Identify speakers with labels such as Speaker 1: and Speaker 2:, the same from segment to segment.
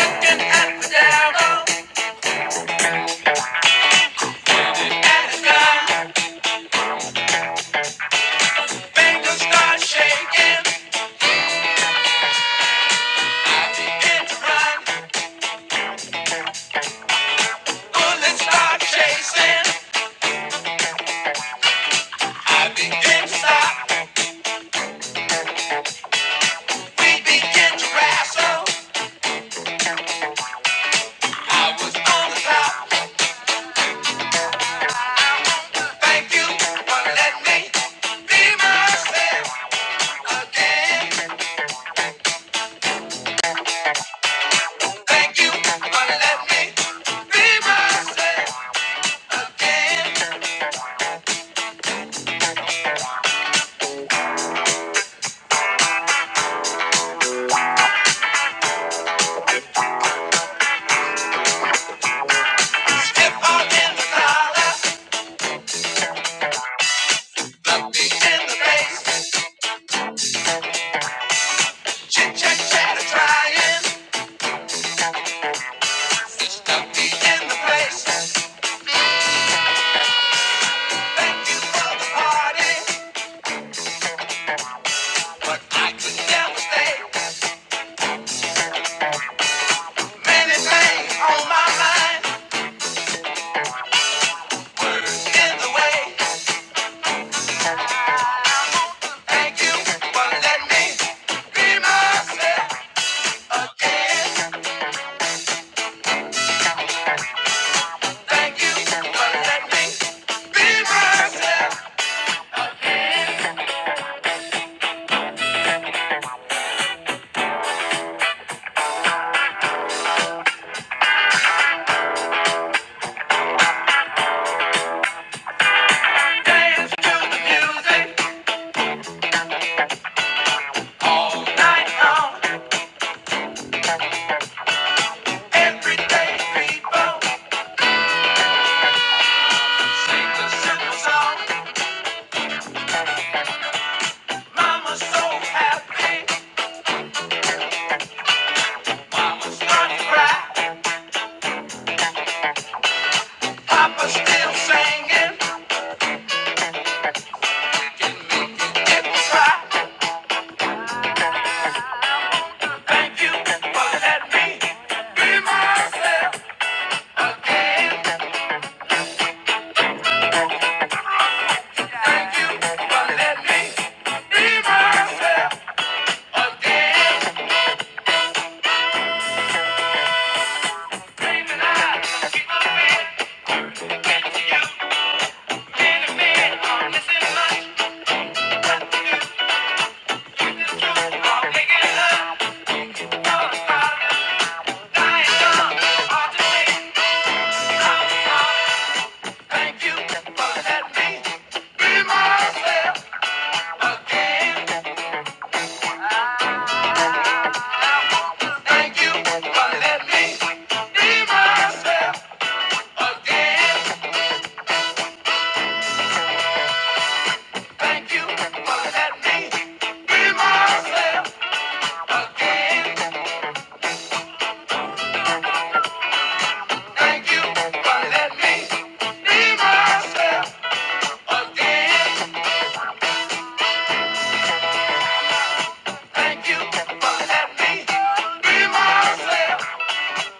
Speaker 1: Looking at the devil and the gun. Fingers start shaking, begin to Bullets start chasing. I begin to stop. We begin to wrestle. I was on the top. Thank you for letting me be myself again. Thank you for letting me be myself again. Step out in the collar, look me in the face. Chit chat, chatter, trying. Sing a simple song, Mama's so happy, I'm to cry. Papa's still singing. It was right. Thank you for letting me be myself again. Thank you for letting me be myself again. Dreaming I keep on being with you. Been a man, I'm missing much. With the truth, I'm making love. Oh, darling, dying young. Hard to say how it's Thank you for letting me be myself again. I want to thank you for letting me be myself again. Thank you for letting me be myself again. Thank you for letting me be myself again. Thank you for letting me be myself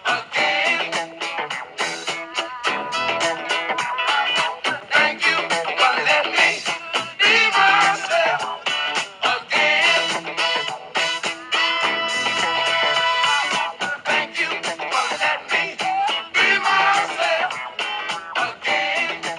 Speaker 1: again. Thank you for letting me be myself again. Thank you for letting me be myself again.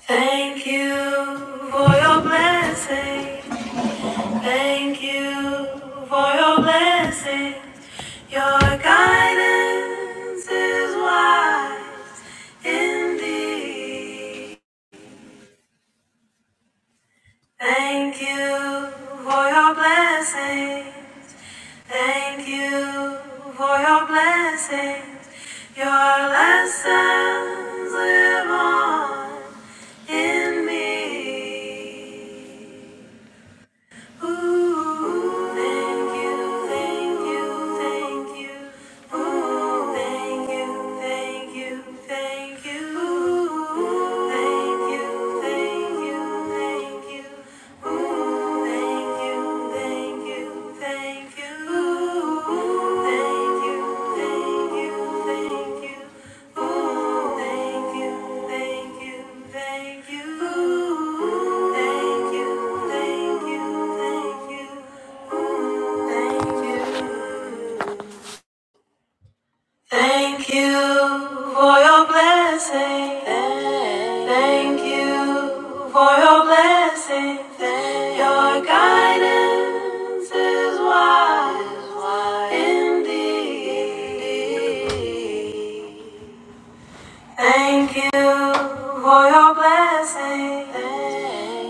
Speaker 1: Thank you for your blessings. Thank you for your blessings. Your guidance is wise indeed. Thank you for your blessings. Thank you for your blessings, your lessons live on in me. Ooh, thank you, thank you, thank you. Ooh, thank you, thank you, thank you. Ooh, thank you, thank you, thank you. Ooh, thank you, thank you, thank you thank you, thank you, thank you, thank you. thank you, thank you, thank you. thank you, thank you, thank you. Thank you for your blessing. Thank you for your blessing. Your guidance is wise indeed. Thank you for your blessing.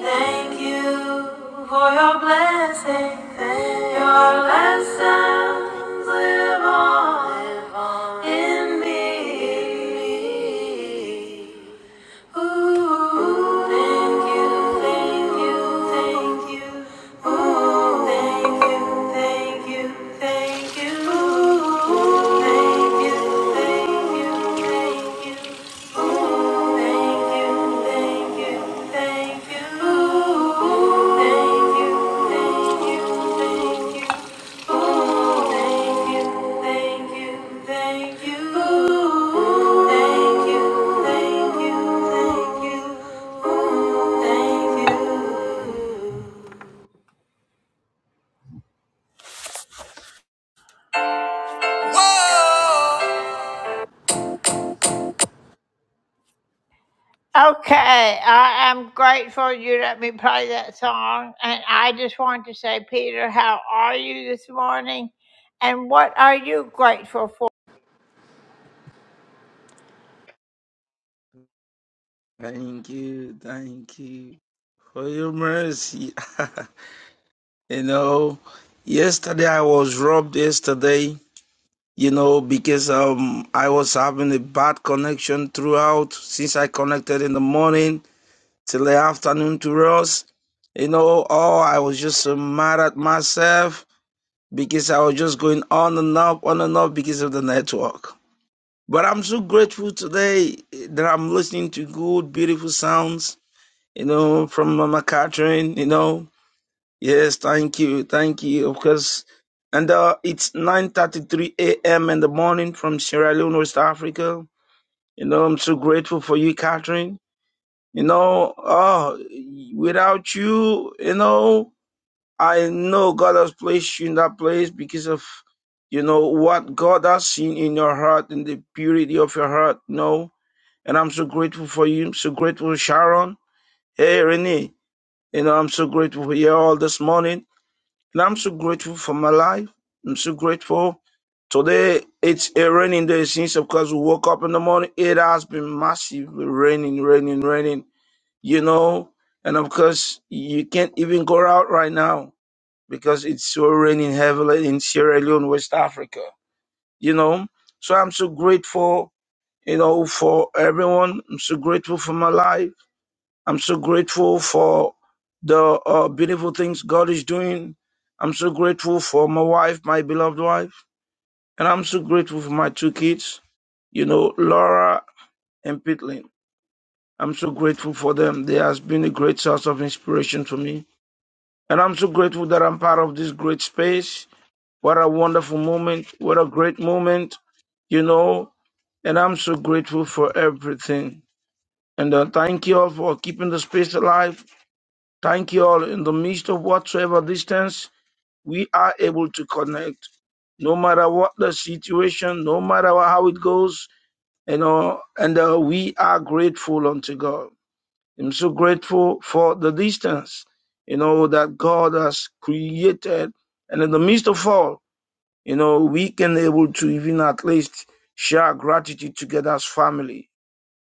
Speaker 1: Thank you for your blessing. Your lessons live on in me. Ooh, thank you, thank you, thank you. Ooh, thank you, thank you, thank you. Ooh, thank you, thank you, thank you. Ooh, thank you, thank you, thank you. Hey
Speaker 2: Thank you, thank you for your mercy. you know, yesterday I was robbed yesterday, you know, because um I was having a bad connection throughout since I connected in the morning till the afternoon to us. You know, oh I was just so mad at myself because I was just going on and up, on and up because of the network. But I'm so grateful today that I'm listening to good, beautiful sounds you know, from Mama Catherine, you know. Yes, thank you, thank you, of course. And uh, it's 9.33 a.m. in the morning from Sierra Leone, West Africa. You know, I'm so grateful for you, Catherine. You know, oh, without you, you know, I know God has placed you in that place because of, you know, what God has seen in your heart and the purity of your heart, you know. And I'm so grateful for you. I'm so grateful, Sharon. Hey, Renee. You know, I'm so grateful for you all this morning. And I'm so grateful for my life. I'm so grateful. Today, it's a raining day since, of course, we woke up in the morning. It has been massively raining, raining, raining, you know. And of course, you can't even go out right now because it's so raining heavily in Sierra Leone, West Africa, you know. So I'm so grateful, you know, for everyone. I'm so grateful for my life. I'm so grateful for the uh, beautiful things God is doing. I'm so grateful for my wife, my beloved wife, and I'm so grateful for my two kids, you know, Laura and Pitlin. I'm so grateful for them. They has been a great source of inspiration for me. And I'm so grateful that I'm part of this great space. What a wonderful moment. What a great moment, you know. And I'm so grateful for everything. And uh, thank you all for keeping the space alive Thank you all. In the midst of whatsoever distance, we are able to connect. No matter what the situation, no matter how it goes, you know, and uh, we are grateful unto God. I'm so grateful for the distance, you know, that God has created. And in the midst of all, you know, we can able to even at least share gratitude together as family.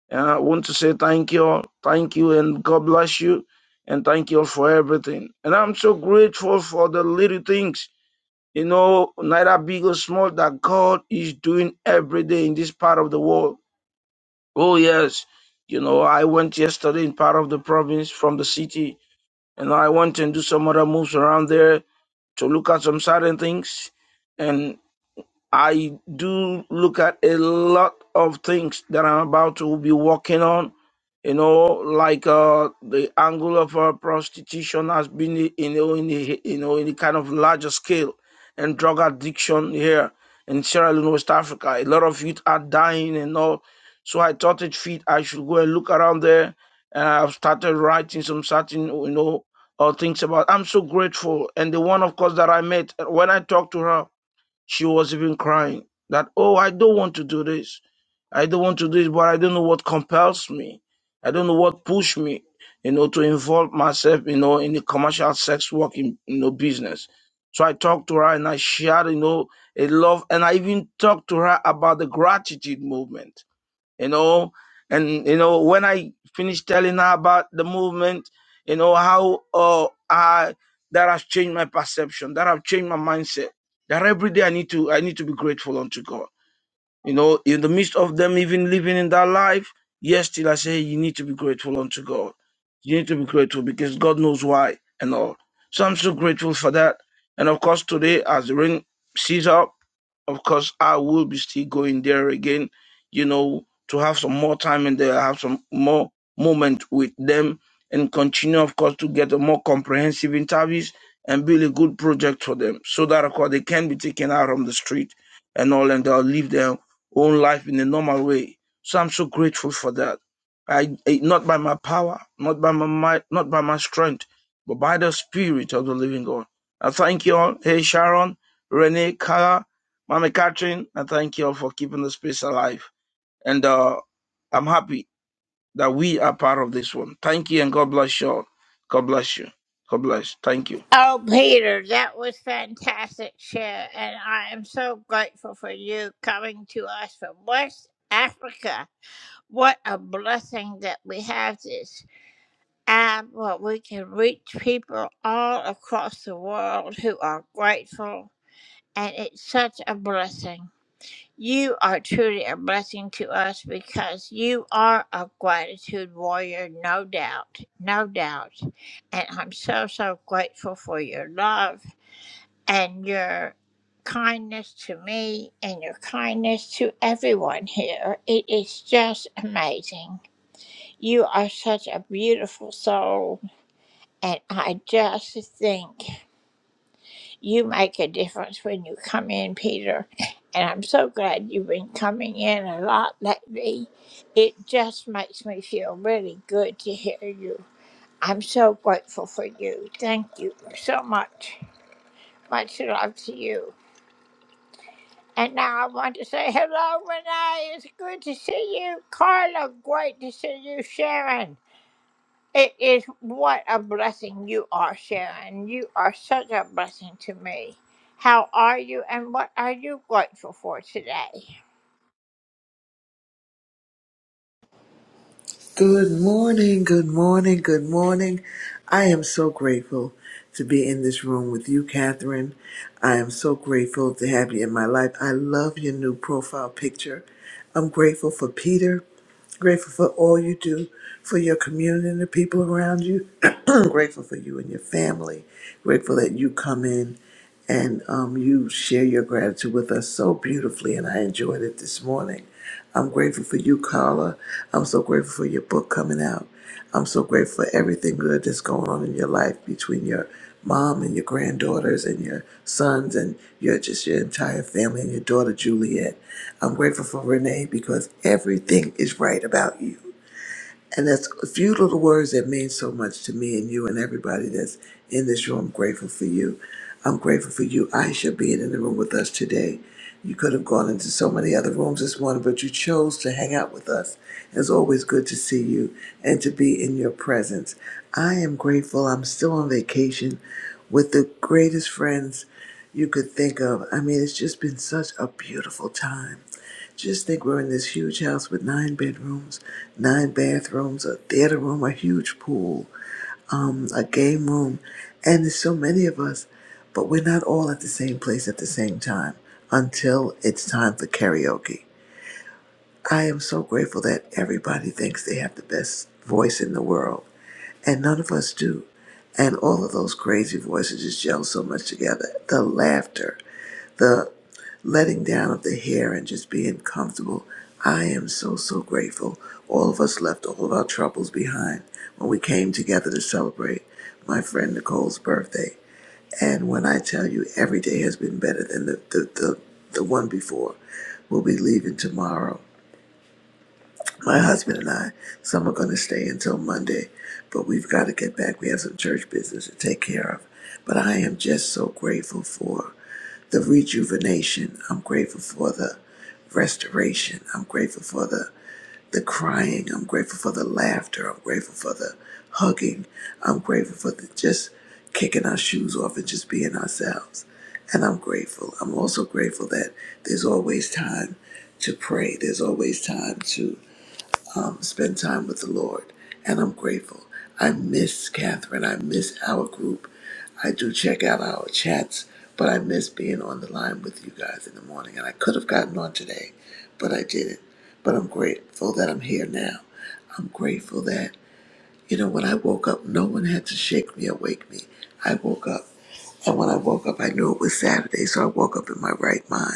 Speaker 2: And I want to say thank you all. Thank you and God bless you. And thank you all for everything. And I'm so grateful for the little things, you know, neither big or small, that God is doing every day in this part of the world. Oh, yes. You know, I went yesterday in part of the province from the city, and I went and do some other moves around there to look at some certain things. and. I do look at a lot of things that I'm about to be working on. You know, like uh, the angle of uh, prostitution has been, you know, in the, you know, in the kind of larger scale, and drug addiction here in Sierra Leone, West Africa. A lot of youth are dying and all. So I thought it fit. I should go and look around there, and I've started writing some certain, you know, uh, things about. I'm so grateful, and the one, of course, that I met when I talked to her. She was even crying that, oh, I don't want to do this. I don't want to do this, but I don't know what compels me. I don't know what pushed me, you know, to involve myself, you know, in the commercial sex work, in, you know, business. So I talked to her and I shared, you know, a love, and I even talked to her about the gratitude movement you know. And you know, when I finished telling her about the movement, you know how uh, I that has changed my perception, that have changed my mindset. That every day I need to I need to be grateful unto God. You know, in the midst of them even living in that life, yes, still I say you need to be grateful unto God. You need to be grateful because God knows why and all. So I'm so grateful for that. And of course, today as the rain ceases up, of course, I will be still going there again, you know, to have some more time and there, have some more moment with them and continue, of course, to get a more comprehensive interviews and build a good project for them so that, of course, they can be taken out on the street and all and they'll live their own life in a normal way. So I'm so grateful for that. I, I- not by my power, not by my might, not by my strength, but by the spirit of the living God. I thank you all. Hey, Sharon, Renee, Kara, Mama Catherine, I thank you all for keeping the space alive. And uh, I'm happy that we are part of this one. Thank you and God bless you all. God bless you. God bless. Thank you.
Speaker 3: Good morning, good morning, good morning. I am so grateful to be in this room with you, Catherine. I am so grateful to have you in my life. I love your new profile picture. I'm grateful for Peter. Grateful for all you do for your community and the people around you. Grateful for you and your family. Grateful that you come in and um, you share your gratitude with us so beautifully, and I enjoyed it this morning. I'm grateful for you, Carla. I'm so grateful for your book coming out. I'm so grateful for everything good that's going on in your life between your mom and your granddaughters and your sons and your just your entire family and your daughter Juliet. I'm grateful for Renee because everything is right about you. And that's a few little words that mean so much to me and you and everybody that's in this room. I'm grateful for you. I'm grateful for you, Aisha, being in the room with us today. You could have gone into so many other rooms this morning, but you chose to hang out with us. It's always good to see you and to be in your presence. I am grateful. I'm still on vacation with the greatest friends you could think of. I mean, it's just been such a beautiful time. Just think we're in this huge house with nine bedrooms, nine bathrooms, a theater room, a huge pool, um, a game room, and there's so many of us, but we're not all at the same place at the same time until it's time for karaoke. I am so grateful that everybody thinks they have the best voice in the world, and none of us do. And all of those crazy voices just gel so much together. The laughter, the letting down of the hair and just being comfortable. I am so, so grateful. All of us left all of our troubles behind when we came together to celebrate my friend Nicole's birthday. And when I tell you every day has been better than the, the, the, the one before, we'll be leaving tomorrow my husband and I, some are going to stay until Monday, but we've got to get back. We have some church business to take care of. But I am just so grateful for the rejuvenation. I'm grateful for the restoration. I'm grateful for the the crying. I'm grateful for the laughter. I'm grateful for the hugging. I'm grateful for the just kicking our shoes off and just being ourselves. And I'm grateful. I'm also grateful that there's always time to pray. There's always time to um, spend time with the Lord, and I'm grateful. I miss Catherine. I miss our group. I do check out our chats, but I miss being on the line with you guys in the morning. And I could have gotten on today, but I didn't. But I'm grateful that I'm here now. I'm grateful that, you know, when I woke up, no one had to shake me or wake me. I woke up. And when I woke up, I knew it was Saturday, so I woke up in my right mind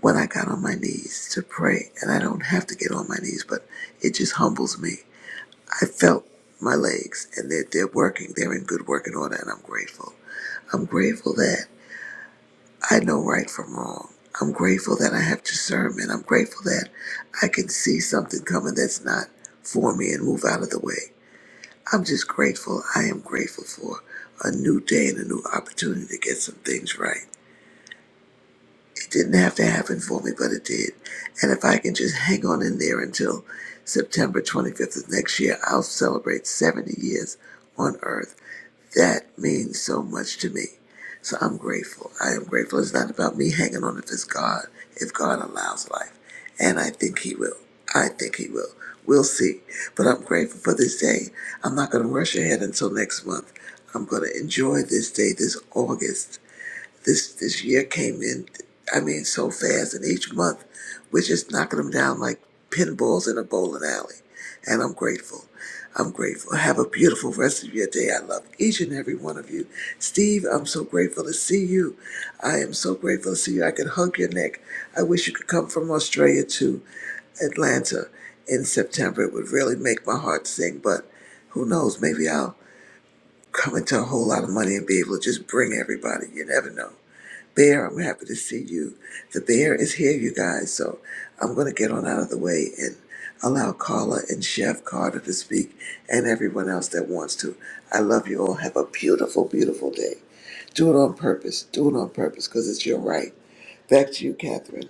Speaker 3: when I got on my knees to pray, and I don't have to get on my knees, but it just humbles me. I felt my legs, and they're, they're working. They're in good working order, and I'm grateful. I'm grateful that I know right from wrong. I'm grateful that I have discernment. I'm grateful that I can see something coming that's not for me and move out of the way. I'm just grateful. I am grateful for a new day and a new opportunity to get some things right. It didn't have to happen for me, but it did. And if I can just hang on in there until September 25th of next year, I'll celebrate 70 years on Earth. That means so much to me. So I'm grateful. I am grateful. It's not about me hanging on if it's God, if God allows life. And I think He will. I think He will. We'll see. But I'm grateful for this day. I'm not going to rush ahead until next month. I'm going to enjoy this day, this August. This this year came in, I mean, so fast, and each month we're just knocking them down like pinballs in a bowling alley. And I'm grateful. I'm grateful. Have a beautiful rest of your day. I love each and every one of you. Steve, I'm so grateful to see you. I am so grateful to see you. I could hug your neck. I wish you could come from Australia to Atlanta in September. It would really make my heart sing, but who knows? Maybe I'll come into a whole lot of money and be able to just bring everybody. You never know. Bear, I'm happy to see you. The bear is here, you guys. So I'm going to get on out of the way and allow Carla and Chef Carter to speak and everyone else that wants to. I love you all. Have a beautiful, beautiful day. Do it on purpose. Do it on purpose because it's your right. Back to you, Catherine.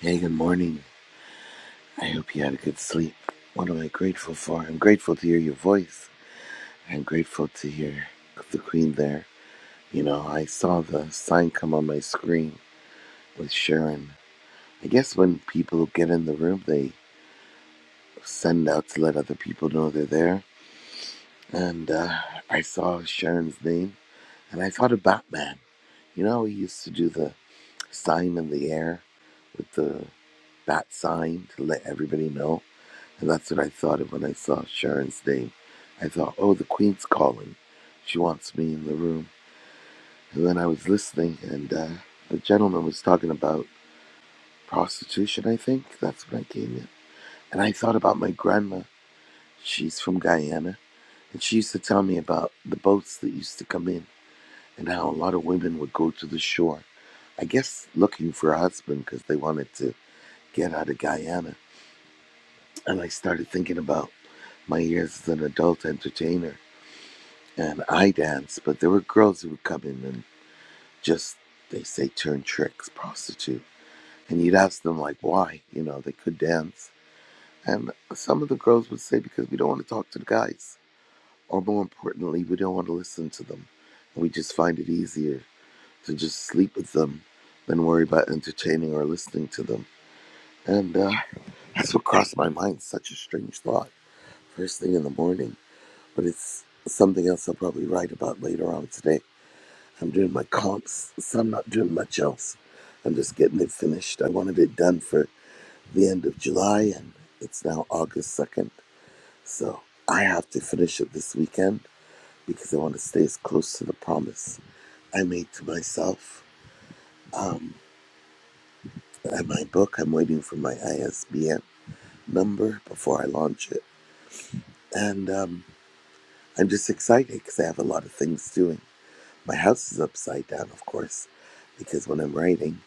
Speaker 4: Hey, good morning. I hope you had a good sleep. What am I grateful for? I'm grateful to hear your voice. I'm grateful to hear the Queen there. You know, I saw the sign come on my screen with Sharon. I guess when people get in the room, they send out to let other people know they're there. And uh, I saw Sharon's name and I thought of Batman. You know, he used to do the sign in the air with the bat sign to let everybody know. And that's what I thought of when I saw Sharon's name. I thought, oh, the Queen's calling. She wants me in the room. And then I was listening, and uh, the gentleman was talking about prostitution, I think. That's when I came in. And I thought about my grandma. She's from Guyana. And she used to tell me about the boats that used to come in and how a lot of women would go to the shore. I guess looking for a husband because they wanted to get out of Guyana. And I started thinking about my years as an adult entertainer and I danced, but there were girls who would come in and just they say turn tricks, prostitute. And you'd ask them like why, you know, they could dance. And some of the girls would say because we don't want to talk to the guys. Or more importantly, we don't want to listen to them. And we just find it easier to just sleep with them than worry about entertaining or listening to them. And uh, that's what crossed my mind, such a strange thought. First thing in the morning. But it's something else I'll probably write about later on today I'm doing my comps, so I'm not doing much else. I'm just getting it finished. I wanted it done for the end of July, and it's now August 2nd. So I have to finish it this weekend because I want to stay as close to the promise I made to myself. Um, and my book, I'm waiting for my ISBN number before I launch it. And um, I'm just excited because I have a lot of things doing. My house is upside down, of course, because when I'm writing,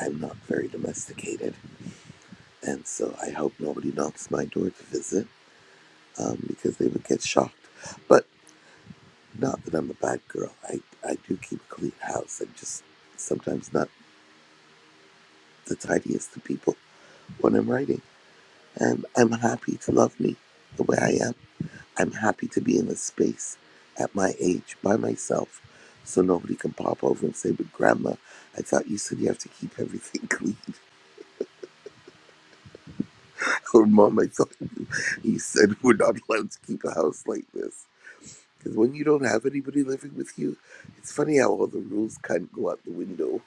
Speaker 4: I'm not very domesticated. And so I hope nobody knocks my door to visit um, because they would get shocked. But not that I'm a bad girl. I, I do keep a clean house. I'm just sometimes not the tidiest of people when I'm writing. And I'm happy to love me the way I am. I'm happy to be in a space at my age by myself so nobody can pop over and say, But grandma, I thought you said you have to keep everything clean. Or mom, I thought you, you said we're not allowed to keep a house like this Because when you don't have anybody living with you, it's funny how all the rules kind of go out the window.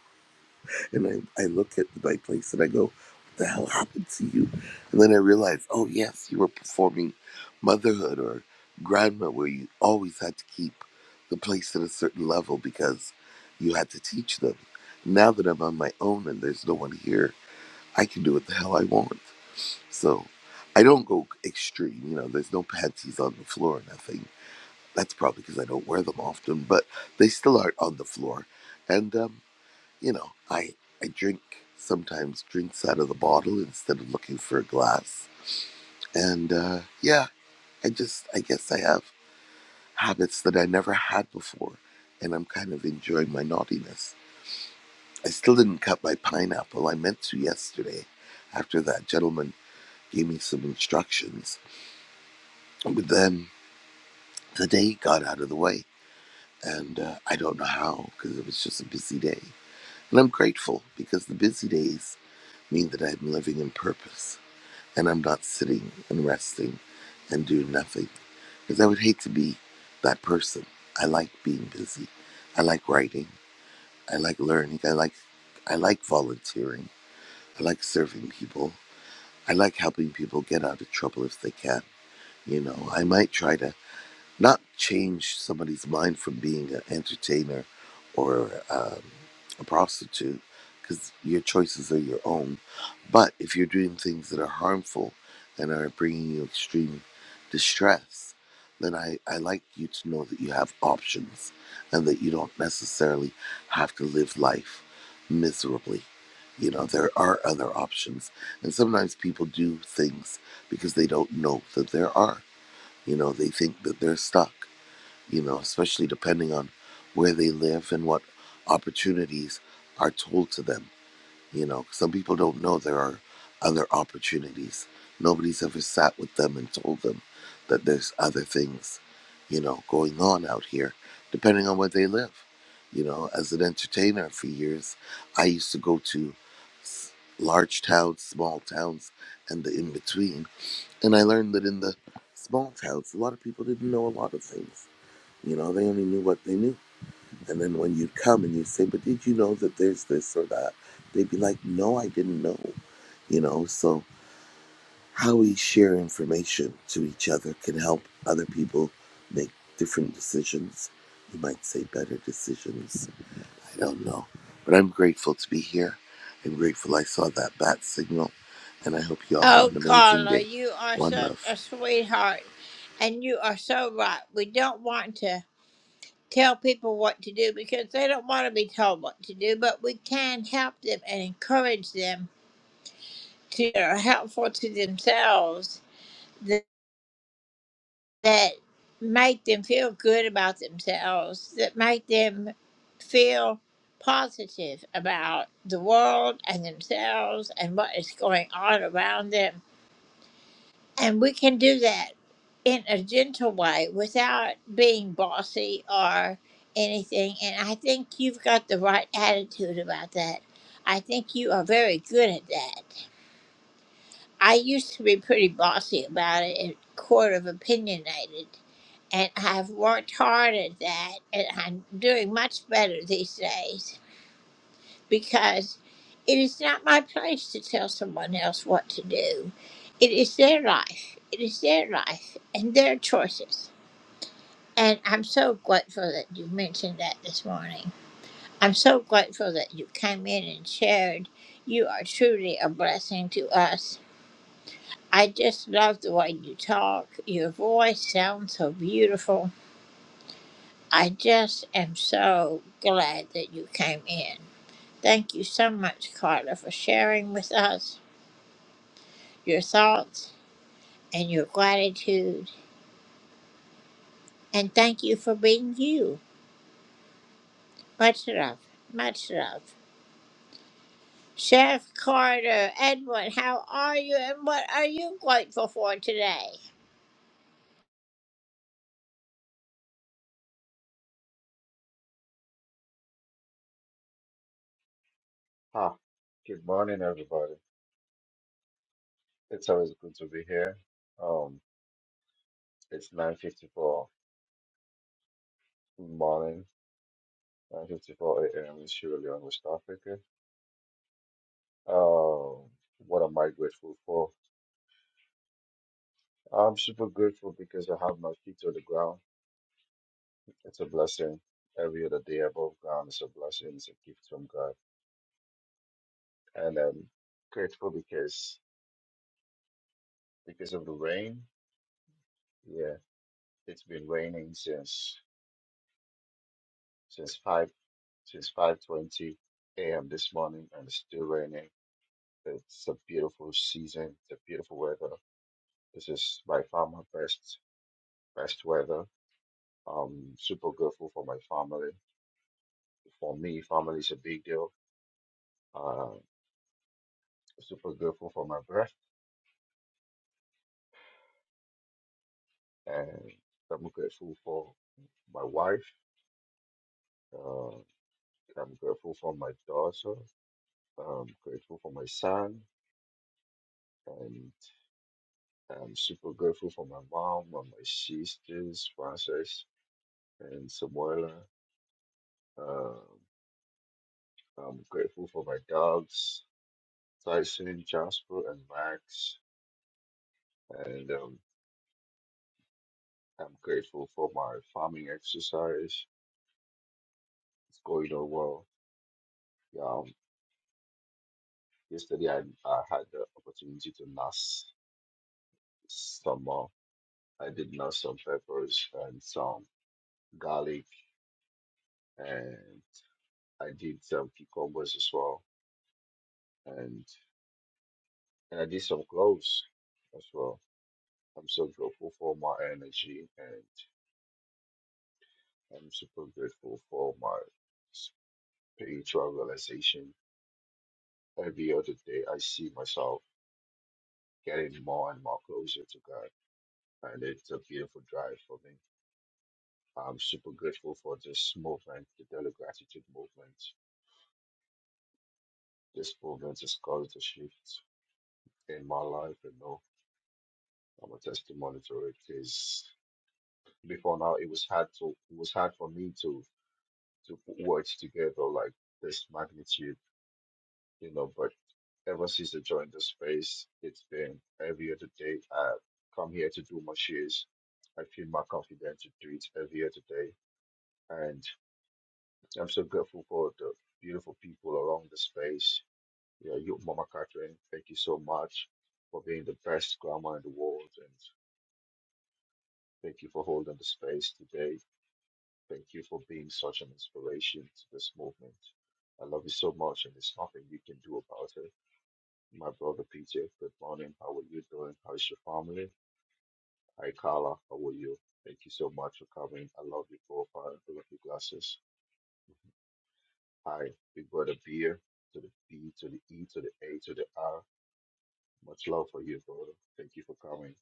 Speaker 4: And I, I look at my place and I go, what the hell happened to you? And then I realize, oh, yes, you were performing motherhood or grandma where you always had to keep the place at a certain level because you had to teach them. Now that I'm on my own and there's no one here, I can do what the hell I want. So I don't go extreme, you know, there's no panties on the floor or nothing that's probably because I don't wear them often, but they still aren't on the floor. And um, you know, I I drink sometimes drinks out of the bottle instead of looking for a glass. And uh, yeah, I just I guess I have habits that I never had before, and I'm kind of enjoying my naughtiness. I still didn't cut my pineapple. I meant to yesterday, after that gentleman gave me some instructions, but then the day got out of the way, and uh, I don't know how because it was just a busy day And I'm grateful because the busy days mean that I'm living in purpose and I'm not sitting and resting and doing nothing. Because I would hate to be that person. I like being busy. I like writing. I like learning. I like I like volunteering. I like serving people. I like helping people get out of trouble if they can. You know, I might try to not change somebody's mind from being an entertainer or um, a prostitute because your choices are your own. But if you're doing things that are harmful and are bringing you extreme distress, then I, I like you to know that you have options and that you don't necessarily have to live life miserably. You know, there are other options. And sometimes people do things because they don't know that there are. You know, they think that they're stuck, you know, especially depending on where they live and what opportunities are told to them. You know, some people don't know there are other opportunities. Nobody's ever sat with them and told them that there's other things, you know, going on out here, depending on where they live. You know, as an entertainer for years, I used to go to s- large towns, small towns, and the in between and I learned that in the small towns, a lot of people didn't know a lot of things. You know, they only knew what they knew. And then when you'd come and you'd say, But did you know that there's this or that? They'd be like, No, I didn't know. You know, so how we share information to each other can help other people make different decisions. You might say better decisions. I don't know. But I'm grateful to be here. I'm grateful I saw that bat signal. And I hope you all have an amazing day. One love.
Speaker 5: Ah, good morning, everybody. It's always good to be here. Um, it's 9:54 morning, 9:54 a.m. in Sierra Leone, West Africa. Um, what am I grateful for? I'm super grateful because I have my feet on the ground. It's a blessing. Every other day above ground is a blessing. It's a gift from God, and I'm grateful because because of the rain. Yeah, it's been raining since since five. Since 5:20 a.m. this morning, and it's still raining. It's a beautiful season. It's a beautiful weather. This is by far my best best weather. Um, super grateful for my family. For me, family is a big deal. Uh, super grateful for my breath, and I'm grateful for my wife. Uh, I'm grateful for my daughter. I'm grateful for my son, and I'm super grateful for my mom and my sisters, Frances. and Samuela. Um, I'm grateful for my dogs, Tyson, Jasper, and Max. And um, I'm grateful for my farming exercise. It's going on well. Yeah, um, yesterday I, I had the opportunity to nurse some. Uh, I did nurse some peppers and some garlic, and I did some cucumbers as well, and and I did some cloves as well. I'm so grateful for my energy I'm super grateful for my spiritual realization. Every other day, I see myself getting more and more closer to God, and it's a beautiful drive for me. I'm super grateful for this movement, the Daily Gratitude Movement. This movement has caused a shift in my life, and no, I'm a testimony to it. Because before now, it was hard to it was hard for me to to put words together like this magnitude you know, but ever since I joined the space, it's been every other day. I come here to do my shares. I feel more confident to do it every other day. And I'm so grateful for the beautiful people around the space. Yeah, you, Mama Catherine, thank you so much for being the best grandma in the world. And thank you for holding the space today. Thank you for being such an inspiration to this movement. I love you so much, and there's nothing you can do about it. My brother PJ, good morning. How are you doing? How is your family? Hi, Carla. How are you? Thank you so much for coming. I love your profile. I love your glasses. Hi, big brother Beer to the B to the E to the A to the R. Much love for you, brother. Thank you for coming.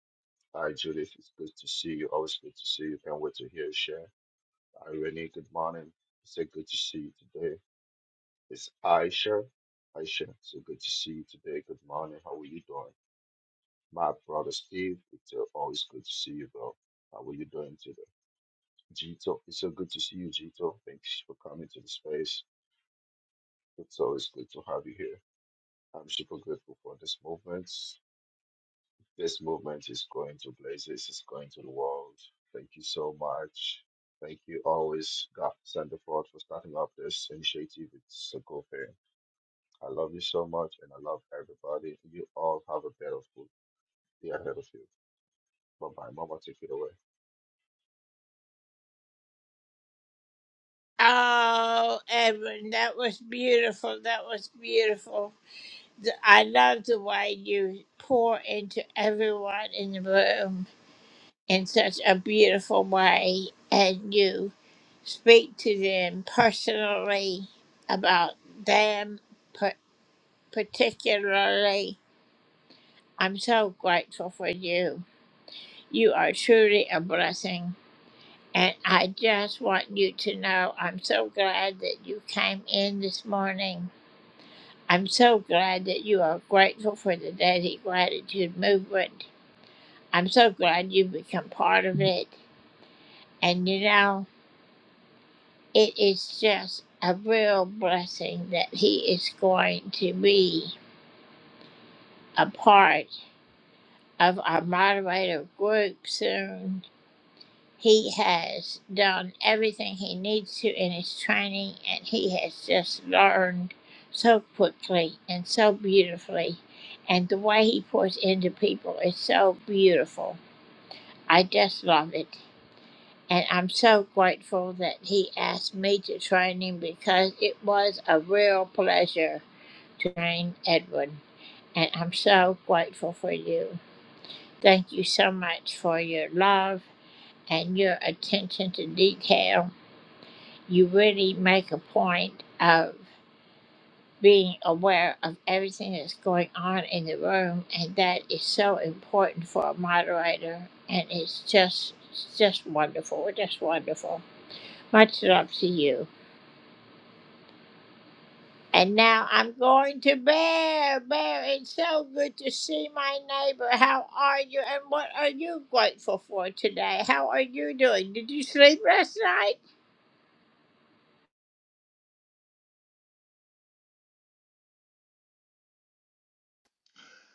Speaker 5: Hi, Judith. It's good to see you. Always good to see you. Can't wait to hear you share. Hi, Renee. Good morning. It's a good to see you today. It's Aisha. Aisha, so good to see you today. Good morning. How are you doing? My brother Steve, it's uh, always good to see you, bro. How are you doing today? Gito, it's so good to see you, Gito. Thanks for coming to the space. It's always good to have you here. I'm super grateful for this movement. This movement is going to places, it's going to the world. Thank you so much. Thank you always, God Sanderford, for starting up this initiative. It's a cool thing. I love you so much, and I love everybody. You all have a beautiful day ahead of you. Bye bye, Mama. Take it away.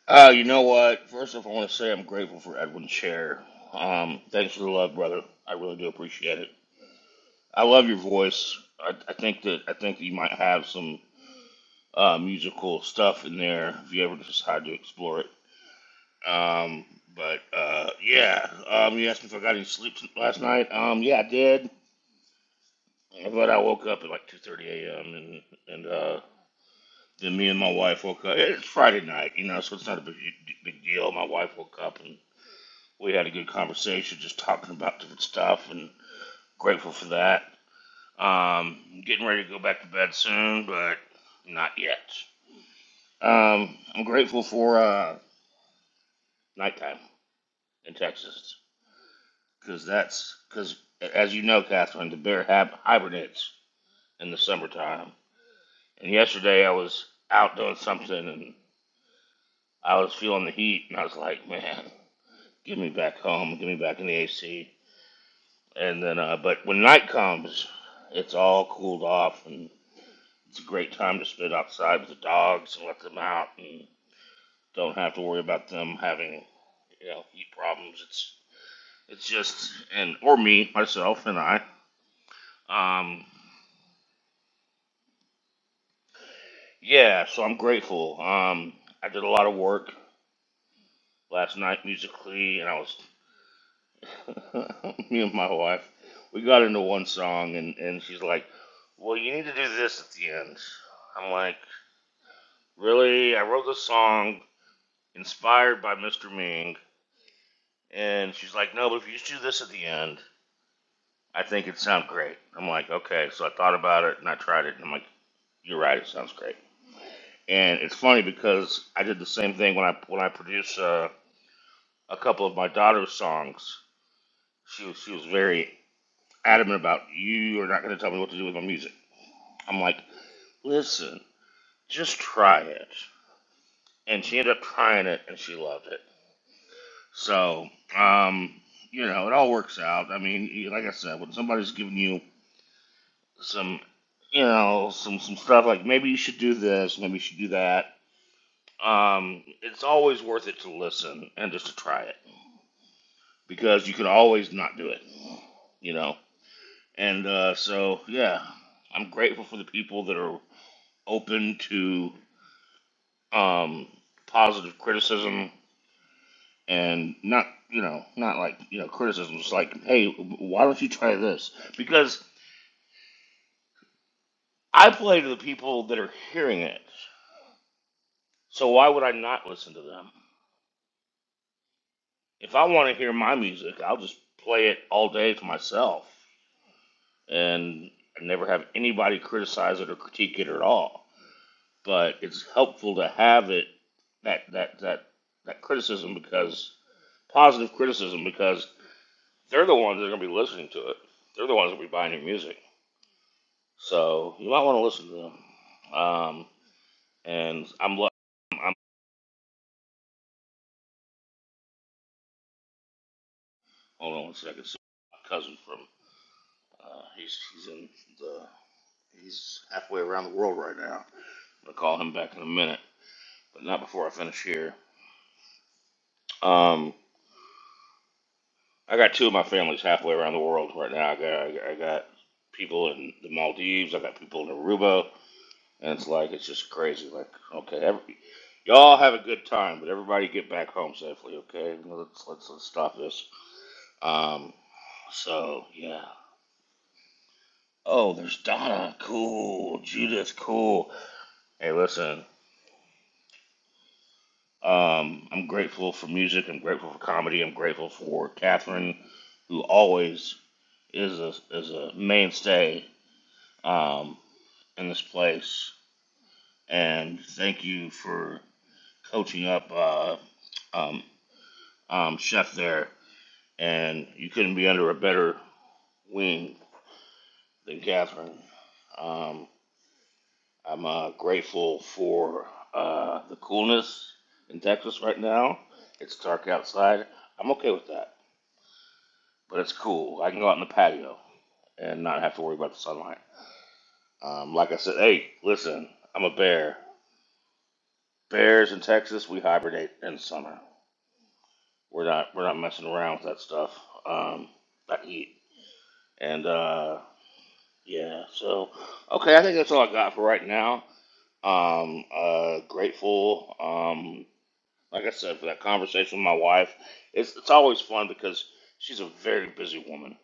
Speaker 6: Uh, you know what? First off, I want to say I'm grateful for Edwin's share. Um, thanks for the love, brother. I really do appreciate it. I love your voice. I, I think that I think that you might have some uh, musical stuff in there if you ever decide to explore it. Um, but uh, yeah, um, you asked me if I got any sleep last night. Um, yeah, I did, but I woke up at like 2:30 a.m. and and uh, then me and my wife woke up. It's Friday night, you know, so it's not a big big deal. My wife woke up and we had a good conversation just talking about different stuff and grateful for that. Um, getting ready to go back to bed soon, but not yet. Um, I'm grateful for uh, nighttime in Texas because that's because, as you know, Catherine, the bear hab- hibernates in the summertime. And yesterday I was out doing something and I was feeling the heat and I was like, man, give me back home, give me back in the AC. And then, uh, but when night comes, it's all cooled off and It's a great time to spend outside with the dogs and let them out and don't have to worry about them having, you know, heat problems. It's it's just and or me, myself and I. Um yeah, so I'm grateful. Um I did a lot of work last night musically and I was me and my wife, we got into one song and, and she's like, Well you need to do this at the end. I'm like, Really? I wrote this song inspired by Mr. Ming And she's like, no, but if you just do this at the end, I think it'd sound great. I'm like, okay. So I thought about it and I tried it. And I'm like, you're right. It sounds great. And it's funny because I did the same thing when I when I produced uh, a couple of my daughter's songs. She was she was very adamant about you are not going to tell me what to do with my music. I'm like, listen, just try it. And she ended up trying it and she loved it. So um, you know, it all works out. I mean, like I said, when somebody's giving you some you know some some stuff like maybe you should do this, maybe you should do that. Um, it's always worth it to listen and just to try it because you can always not do it, you know. And uh, so yeah, I'm grateful for the people that are open to um, positive criticism and not you know not like you know criticism. It's like hey, why don't you try this? Because I play to the people that are hearing it. So why would I not listen to them? If I want to hear my music, I'll just play it all day to myself and I never have anybody criticize it or critique it at all. But it's helpful to have it that that that that criticism because positive criticism because they're the ones that are going to be listening to it. They're the ones that will be buying your music. So you might want to listen to them. Um, and I'm, I'm hold on one second. So my cousin from uh, he's he's in the he's halfway around the world right now. I'll call him back in a minute, but not before I finish here. Um, I got two of my families halfway around the world right now. I got I got people in the Maldives. I got people in Aruba, and it's like it's just crazy. Like okay, every, y'all have a good time, but everybody get back home safely. Okay, let's let's let's stop this. Um, so yeah. Oh, there's Donna. Cool. Judith. Cool. Hey, listen. Um, I'm grateful for music. I'm grateful for comedy. I'm grateful for Catherine, who always is a is a mainstay um, in this place. And thank you for coaching up uh, um, um, Chef there. And you couldn't be under a better wing than Catherine. Um, I'm uh, grateful for uh, the coolness in Texas right now. It's dark outside. I'm okay with that. but it's cool. I can go out in the patio and not have to worry about the sunlight. Um, like I said, hey, listen, I'm a bear. Bears in Texas, we hibernate in summer. We're not we're not messing around with that stuff. Um, that heat and uh, yeah. So okay, I think that's all I got for right now. Um, uh, grateful. Um, like I said, for that conversation with my wife, it's it's always fun because she's a very busy woman.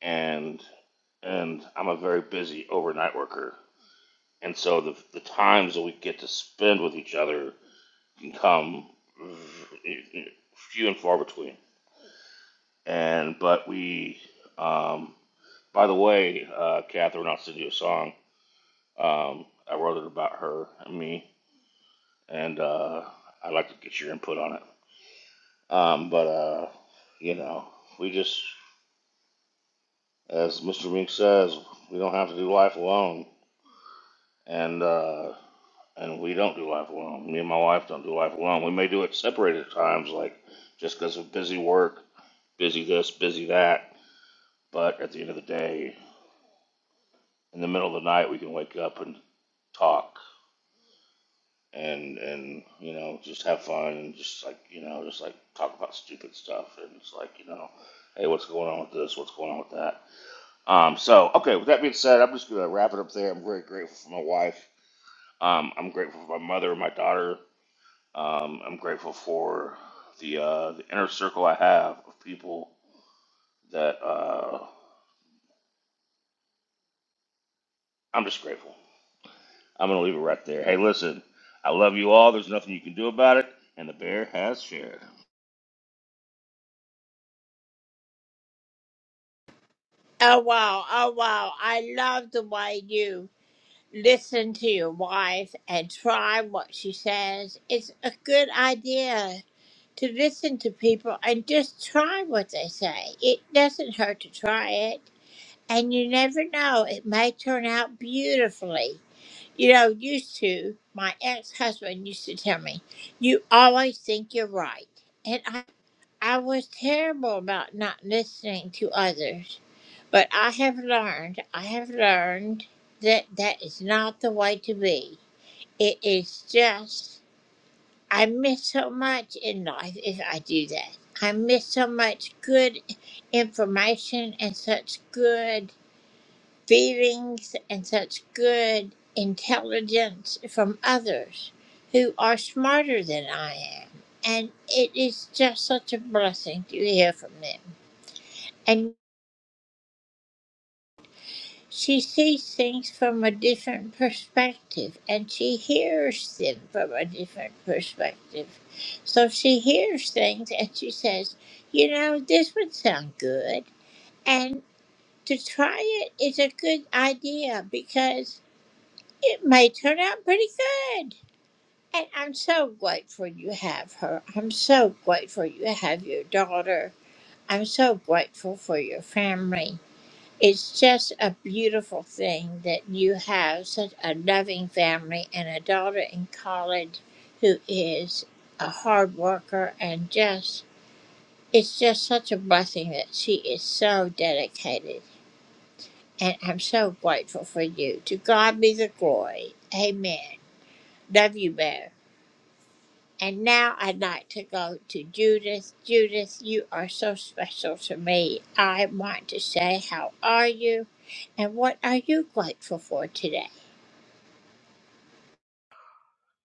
Speaker 6: and and I'm a very busy overnight worker, and so the the times that we get to spend with each other can come few and far between. And but we, um, by the way, uh, Catherine, I'll send you a song. Um, I wrote it about her and me, and uh, I'd like to get your input on it. Um, but uh, you know, we just, as Mr. Mink says, we don't have to do life alone. and uh, and we don't do life alone. Me and my wife don't do life alone. We may do it separated at times, like just because of busy work, busy this, busy that. But at the end of the day, in the middle of the night, we can wake up and talk and and you know just have fun and just like you know just like talk about stupid stuff and it's like you know hey what's going on with this what's going on with that um so okay with that being said i'm just gonna wrap it up there i'm very grateful for my wife um i'm grateful for my mother and my daughter Um, I'm grateful for the uh, the inner circle I have of people that uh, I'm just grateful. I'm gonna leave it right there. Hey, listen, I love you all. There's nothing you can do about it, and the bear has shared.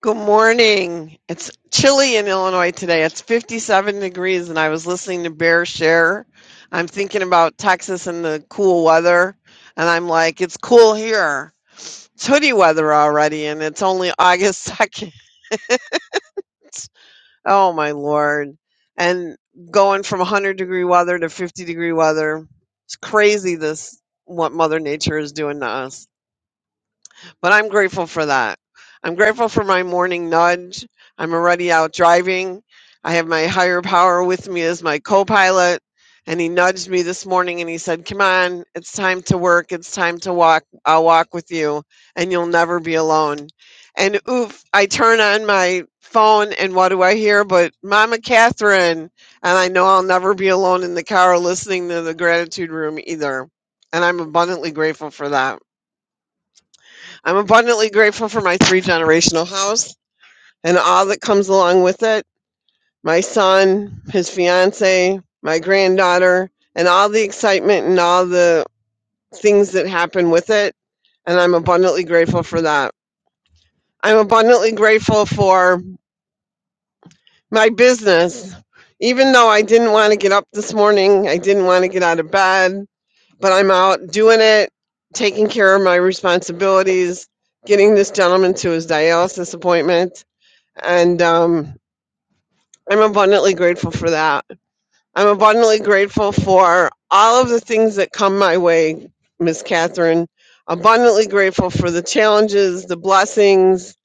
Speaker 7: Good morning. It's chilly in Illinois today. It's 57 degrees, and I was listening to Bear Share. I'm thinking about Texas and the cool weather, and I'm like, it's cool here. It's hoodie weather already, and it's only August 2nd. Oh, my Lord. And going from 100 degree weather to 50 degree weather, it's crazy this what Mother Nature is doing to us. but I'm grateful for that. I'm grateful for my morning nudge. I'm already out driving. I have my higher power with me as my co pilot. And he nudged me this morning and he said, Come on, it's time to work. It's time to walk. I'll walk with you and you'll never be alone. And oof, I turn on my phone and what do I hear? But Mama Catherine. And I know I'll never be alone in the car listening to the gratitude room either. And I'm abundantly grateful for that. I'm abundantly grateful for my three generational house and all that comes along with it my son, his fiance, my granddaughter, and all the excitement and all the things that happen with it. And I'm abundantly grateful for that. I'm abundantly grateful for my business. Even though I didn't want to get up this morning, I didn't want to get out of bed, but I'm out doing it, taking care of my responsibilities, getting this gentleman to his dialysis appointment and um, I'm abundantly grateful for that. I'm abundantly grateful for all of the things that come my way, Miss Catherine. Abundantly grateful for the challenges, the blessings,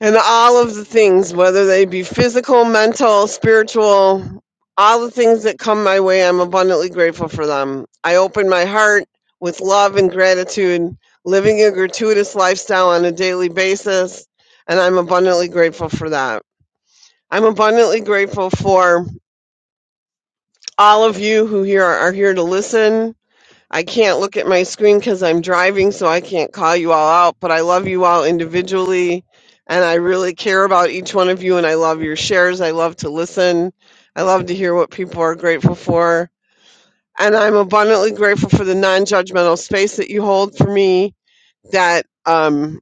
Speaker 7: and all of the things, whether they be physical, mental, spiritual, all the things that come my way, I'm abundantly grateful for them. I open my heart with love and gratitude, living a gratuitous lifestyle on a daily basis, and I'm abundantly grateful for that. I'm abundantly grateful for all of you who here are are here to listen. I can't look at my screen because I'm driving, so I can't call you all out, but I love you all individually, and I really care about each one of you, and I love your shares. I love to listen. I love to hear what people are grateful for. And I'm abundantly grateful for the non judgmental space that you hold for me that. um,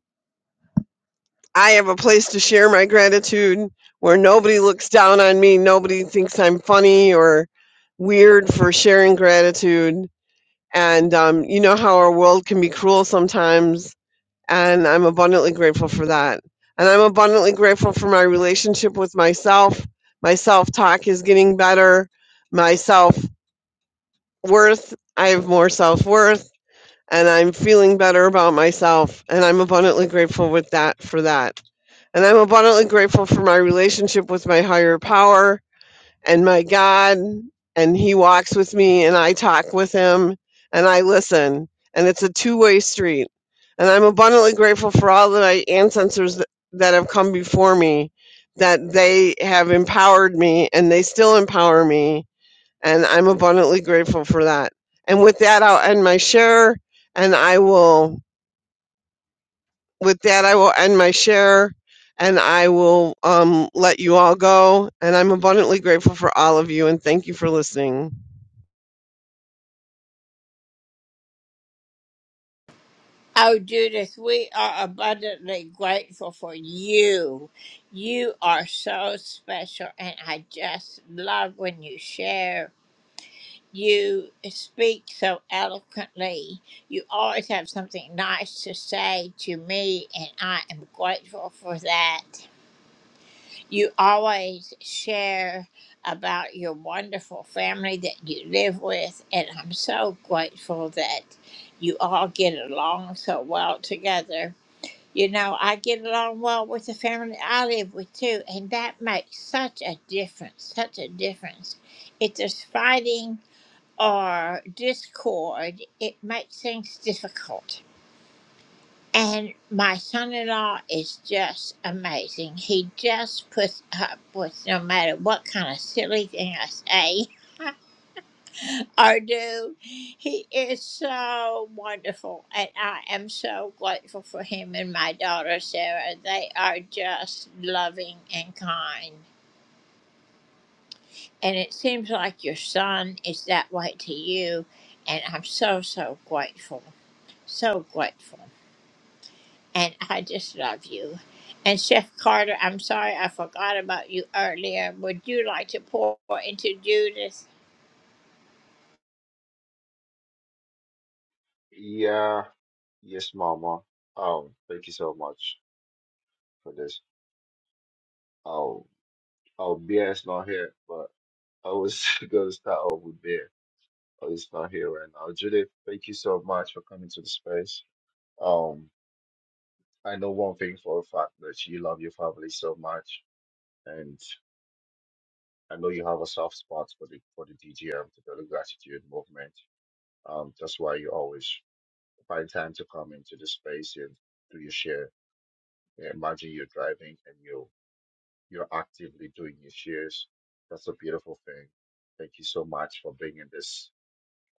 Speaker 7: I have a place to share my gratitude where nobody looks down on me, nobody thinks I'm funny or weird for sharing gratitude. And um, you know how our world can be cruel sometimes, and I'm abundantly grateful for that. And I'm abundantly grateful for my relationship with myself. My self talk is getting better. My self worth, I have more self worth, and I'm feeling better about myself. And I'm abundantly grateful with that for that. And I'm abundantly grateful for my relationship with my higher power and my God. And He walks with me, and I talk with Him, and I listen. And it's a two way street. And I'm abundantly grateful for all of my ancestors th- that have come before me, that they have empowered me, and they still empower me. And I'm abundantly grateful for that. And with that, I'll end my share, and I will with that, I will end my share and I will um, let you all go. And I'm abundantly grateful for all of you and thank you for listening.
Speaker 5: Yeah, yes, Mama. Um, thank you so much for this. Um, oh, Bear is not here, but I was gonna start off with Bear. Oh, he's not here right now. Judith, thank you so much for coming to the space. Um, I know one thing for a fact that you love your family so much, and I know you have a soft spot for the for the DGM, the Daily Gratitude Movement. Um, that's why you always find time to come into the space and do your share. Yeah, imagine you're driving and you You're actively doing your shares. That's a beautiful thing. Thank you so much for bringing this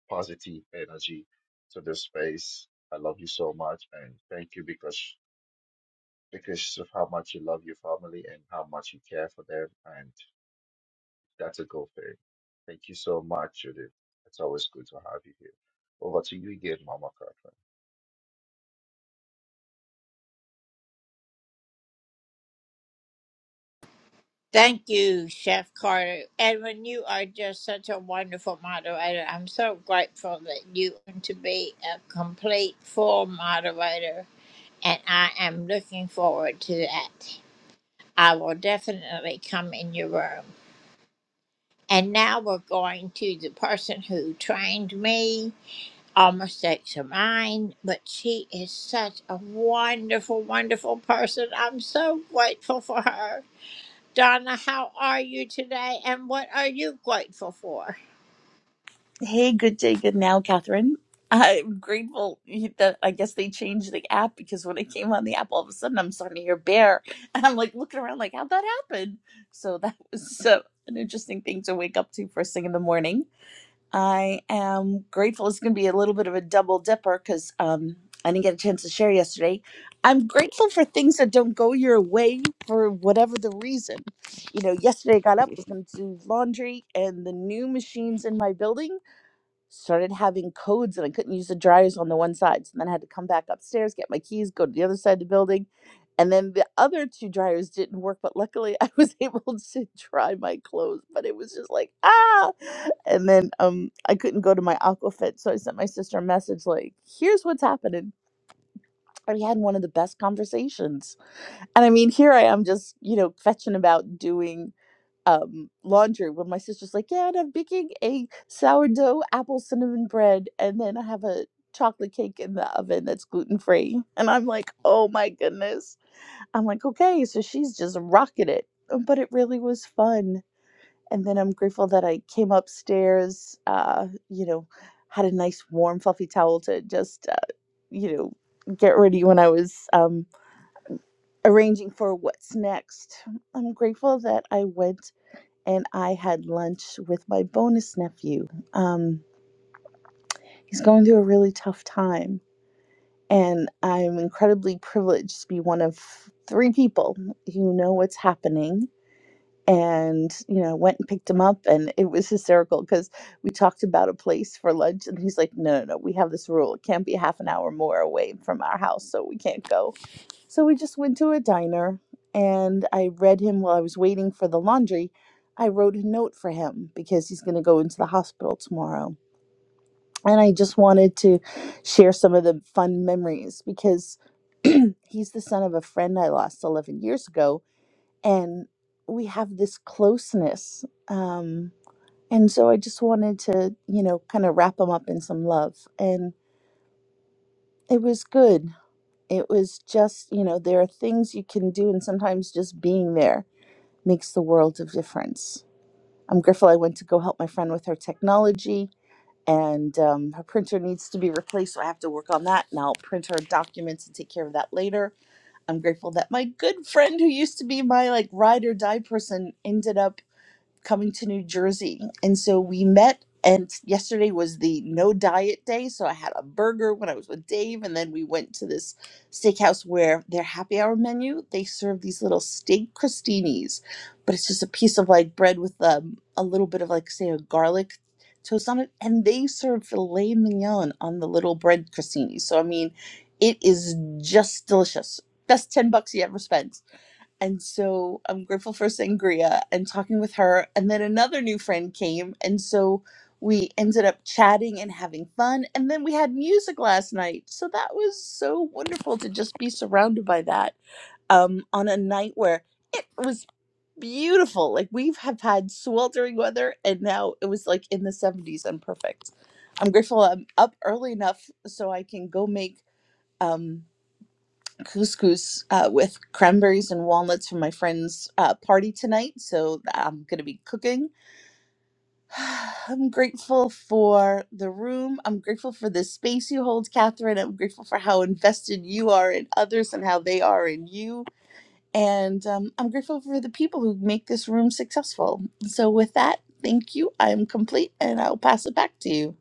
Speaker 5: positive energy to this space. I love you so much, and thank you because because of how much you love your family and how much you care for them, and that's a good thing. Thank you so much, Judith. It's always good to have you here. Over to you again, Mama Catherine.
Speaker 8: Hey, good day, good now, Catherine. I'm grateful that I guess they changed the app because when I came on the app, all of a sudden I'm starting to hear bear, and I'm like looking around like, how'd that happen? So that was uh, an interesting thing to wake up to first thing in the morning. I am grateful. It's going to be a little bit of a double dipper because um, I didn't get a chance to share yesterday. I'm grateful for things that don't go your way for whatever the reason. You know, yesterday I got up, was going to do laundry, and the new machines in my building started having codes and I couldn't use the dryers on the one side. So then I had to come back upstairs, get my keys, go to the other side of the building. And then the other two dryers didn't work, but luckily I was able to dry my clothes. But it was just like, ah. And then um I couldn't go to my Aquafit. So I sent my sister a message like, here's what's happening. And we had one of the best conversations. And I mean, here I am just, you know, fetching about doing um, laundry when my sister's like, Yeah, and I'm baking a sourdough apple cinnamon bread, and then I have a chocolate cake in the oven that's gluten free. And I'm like, Oh my goodness. I'm like, Okay, so she's just rocking it. Um, But it really was fun. And then I'm grateful that I came upstairs, uh, you know, had a nice warm, fluffy towel to just, uh, you know, get ready when I was um, arranging for what's next. I'm grateful that I went and I had lunch with my bonus nephew. Um, he's going through a really tough time, and I'm incredibly privileged to be one of three people who know what's happening. And you know, went and picked him up, and it was hysterical because we talked about a place for lunch, and he's like, "No, no, no, we have this rule; it can't be half an hour more away from our house, so we can't go." So we just went to a diner and I read him while I was waiting for the laundry. I wrote a note for him because he's going to go into the hospital tomorrow. And I just wanted to share some of the fun memories because he's the son of a friend I lost 11 years ago. And we have this closeness. Um, and so I just wanted to, you know, kind of wrap him up in some love. And it was good. It was just, you know, there are things you can do, and sometimes just being there makes the world of difference. I'm grateful I went to go help my friend with her technology, and um, her printer needs to be replaced, so I have to work on that. And I'll print her documents and take care of that later. I'm grateful that my good friend, who used to be my like ride or die person, ended up coming to New Jersey. And so we met, and yesterday was the no diet day. So I had a burger when I was with Dave, and then we went to this steakhouse where their happy hour menu, they serve these little steak crostinis, but it's just a piece of like bread with um, a little bit of like, say, a garlic toast on it. And they serve filet mignon on the little bread crostini. So, I mean, it is just delicious. Best 10 bucks you ever spent and so I'm grateful for Sangria and talking with her. And then another new friend came. And so we ended up chatting and having fun. And then we had music last night. So that was so wonderful to just be surrounded by that um, on a night where it was beautiful. Like we have had sweltering weather and now it was like in the 70s and perfect. I'm grateful I'm up early enough so I can go make. Um, couscous uh, with cranberries and walnuts for my friend's uh, party tonight. So I'm going to be cooking. I'm grateful for the room. I'm grateful for the space you hold, Catherine. I'm grateful for how invested you are in others and how they are in you. And um, I'm grateful for the people who make this room successful. So, with that, thank you. I'm complete and I'll pass it back to you.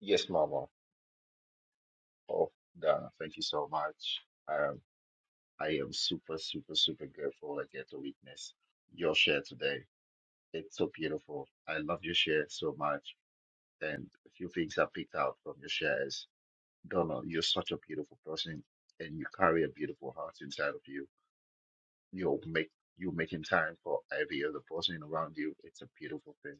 Speaker 5: Yes, Mama. Oh, Dana, thank you so much. Um, I am super, super, super grateful I get to witness your share today. It's so beautiful. I love your share so much. And a few things I picked out from your shares. Donna, you're such a beautiful person and you carry a beautiful heart inside of you. You'll make you making time for every other person around you. It's a beautiful thing.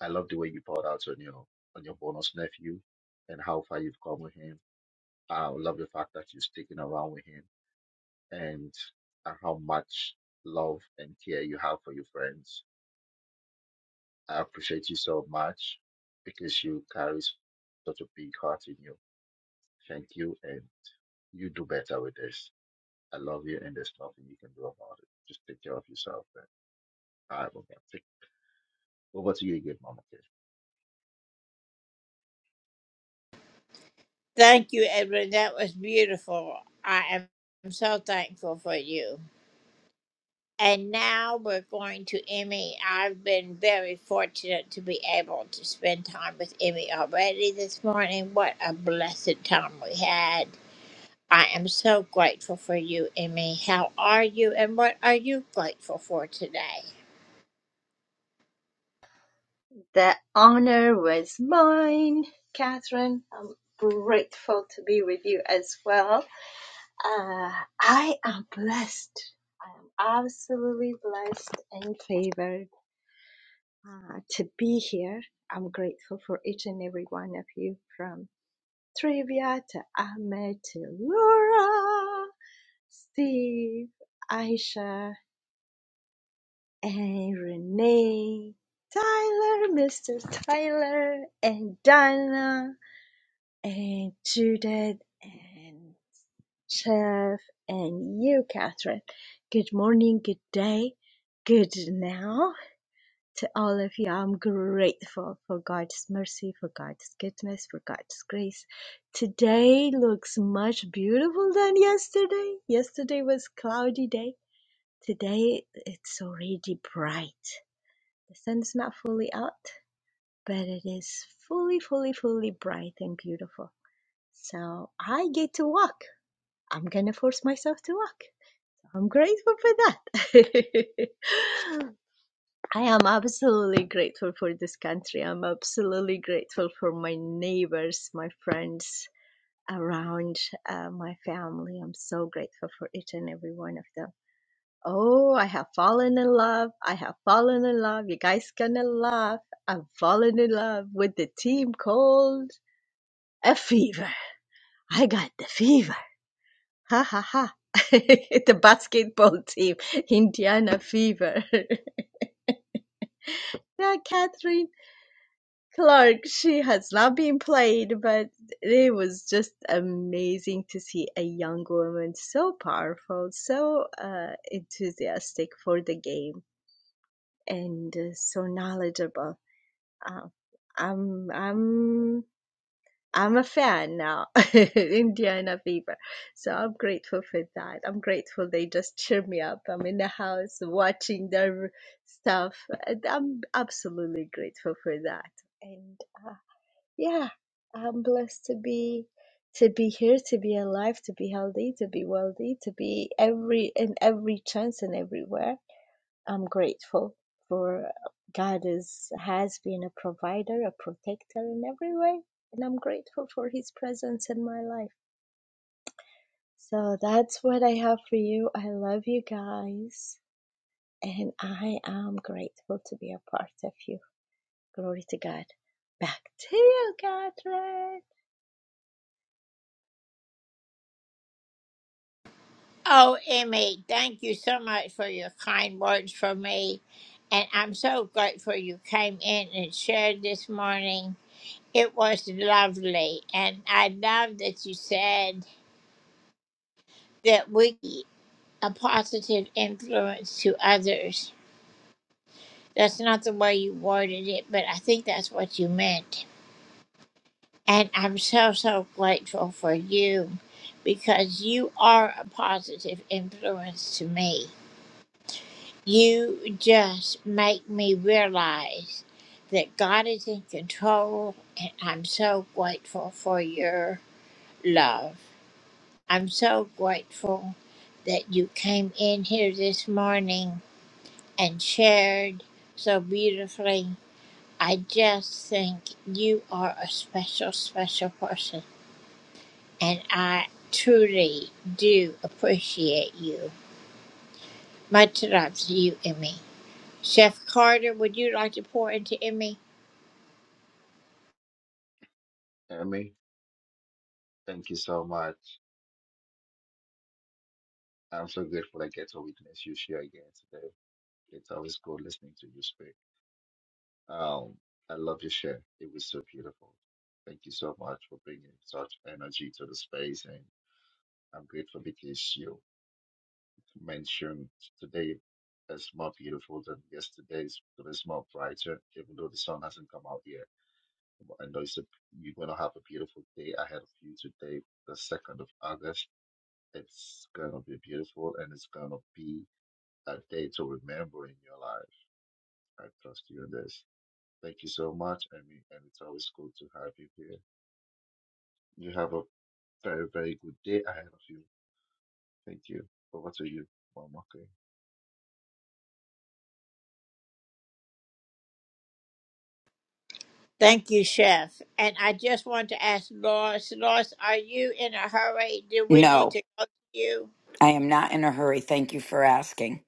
Speaker 5: I love the way you poured out on your on your bonus nephew and how far you've come with him. I love the fact that you're sticking around with him and and how much love and care you have for your friends I appreciate you so much because you carry such a big heart in you. Thank you, and you do better with this. I love you, and there's nothing you can do about it. Just take care of yourself. And all right, Mama. Take over to you again, Mama. Kay.
Speaker 9: The honor was mine, Catherine. I'm grateful to be with you as well. Uh, I am blessed. I am absolutely blessed and favored uh, to be here. I'm grateful for each and every one of you from Trivia to Ahmed to Laura, Steve, Aisha, and Renee, Tyler, Mr. Tyler, and Donna. and Judith and Jeff and you, Catherine. Good morning, good day, good now to all of you. I'm grateful for God's mercy, for God's goodness, for God's grace. Today looks much beautiful than yesterday. Yesterday was cloudy day. Today it's already bright. The sun's not fully out, but it is fully, fully, fully bright and beautiful. So I get to walk. I'm gonna force myself to walk. I'm grateful for that. I am absolutely grateful for this country. I'm absolutely grateful for my neighbors, my friends around, uh, my family. I'm so grateful for each and every one of them. Oh, I have fallen in love. I have fallen in love. You guys gonna laugh. I've fallen in love with the team called a fever. I got the fever. Ha ha ha. the basketball team, Indiana Fever. Yeah, Catherine Clark, she has not been played, but it was just amazing to see a young woman so powerful, so uh, enthusiastic for the game, and uh, so knowledgeable. Uh, I'm, I'm I'm a fan now, Indiana Fever. So I'm grateful for that. I'm grateful they just cheer me up. I'm in the house watching their stuff. and I'm absolutely grateful for that. And uh, yeah, I'm blessed to be to be here, to be alive, to be healthy, to be wealthy, to be every in every chance and everywhere I'm grateful for uh, God is has been a provider, a protector in every way, and I'm grateful for His presence in my life. So that's what I have for you. I love you guys, and I am grateful to be a part of you. Glory to God. Back to you, Catherine.
Speaker 5: Emmy, thank you so much. I'm so grateful I get to witness you share again today. It's always good listening to you speak. Um, I love your share. It was so beautiful. Thank you so much for bringing such energy to the space, and I'm grateful because you mentioned today is more beautiful than yesterday's, but it's more brighter, even though the sun hasn't come out yet. But I know it's a, you're going to have a beautiful day ahead of you today, the 2nd of August. It's going to be beautiful and it's going to be a day to remember in your life. I trust you in this. Thank you so much, Amy, and it's always good to have you here. You have a very, very good day ahead of you. Thank you. Over to you, Mom. Okay.
Speaker 10: No, I am not in a hurry. Thank you for asking.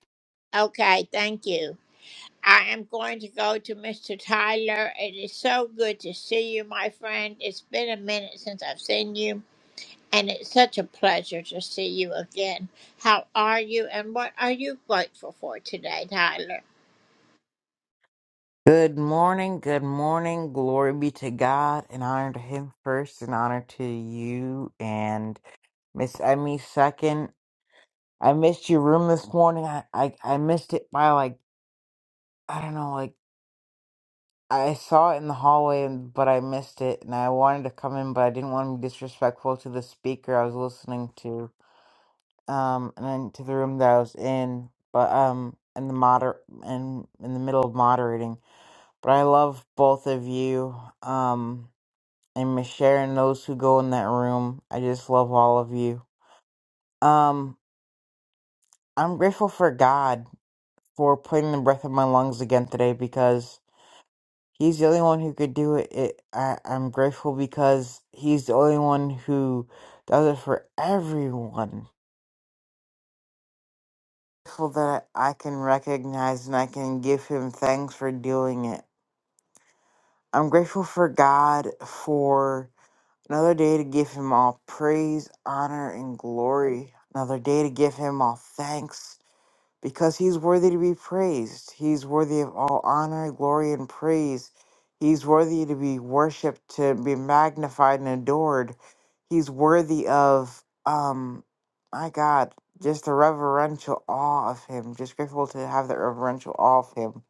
Speaker 11: Good morning, good morning. Glory be to God and honor to Him first and honor to you and Miss Emmy second. I missed your room this morning. I, I, I missed it by like, I don't know, like I saw it in the hallway, and- but I missed it and I wanted to come in, but I didn't want to be disrespectful to the speaker I was listening to um and then to the room that I was in, but um in the moder in in the middle of moderating. But I love both of you. Um and Miss Sharon, those who go in that room. I just love all of you. Um, I'm grateful for God for putting the breath in my lungs again today because He's the only one who could do it. it I, I'm grateful because He's the only one who does it for everyone. Grateful that I can recognize and I can give Him thanks for doing it. I'm grateful for God for Another day to give him all praise, honor, and glory. Another day to give him all thanks because he's worthy to be praised. He's worthy of all honor, glory, and praise. He's worthy to be worshiped, to be magnified and adored. He's worthy of, um, my God, just the reverential awe of him. Just grateful to have that reverential awe of him.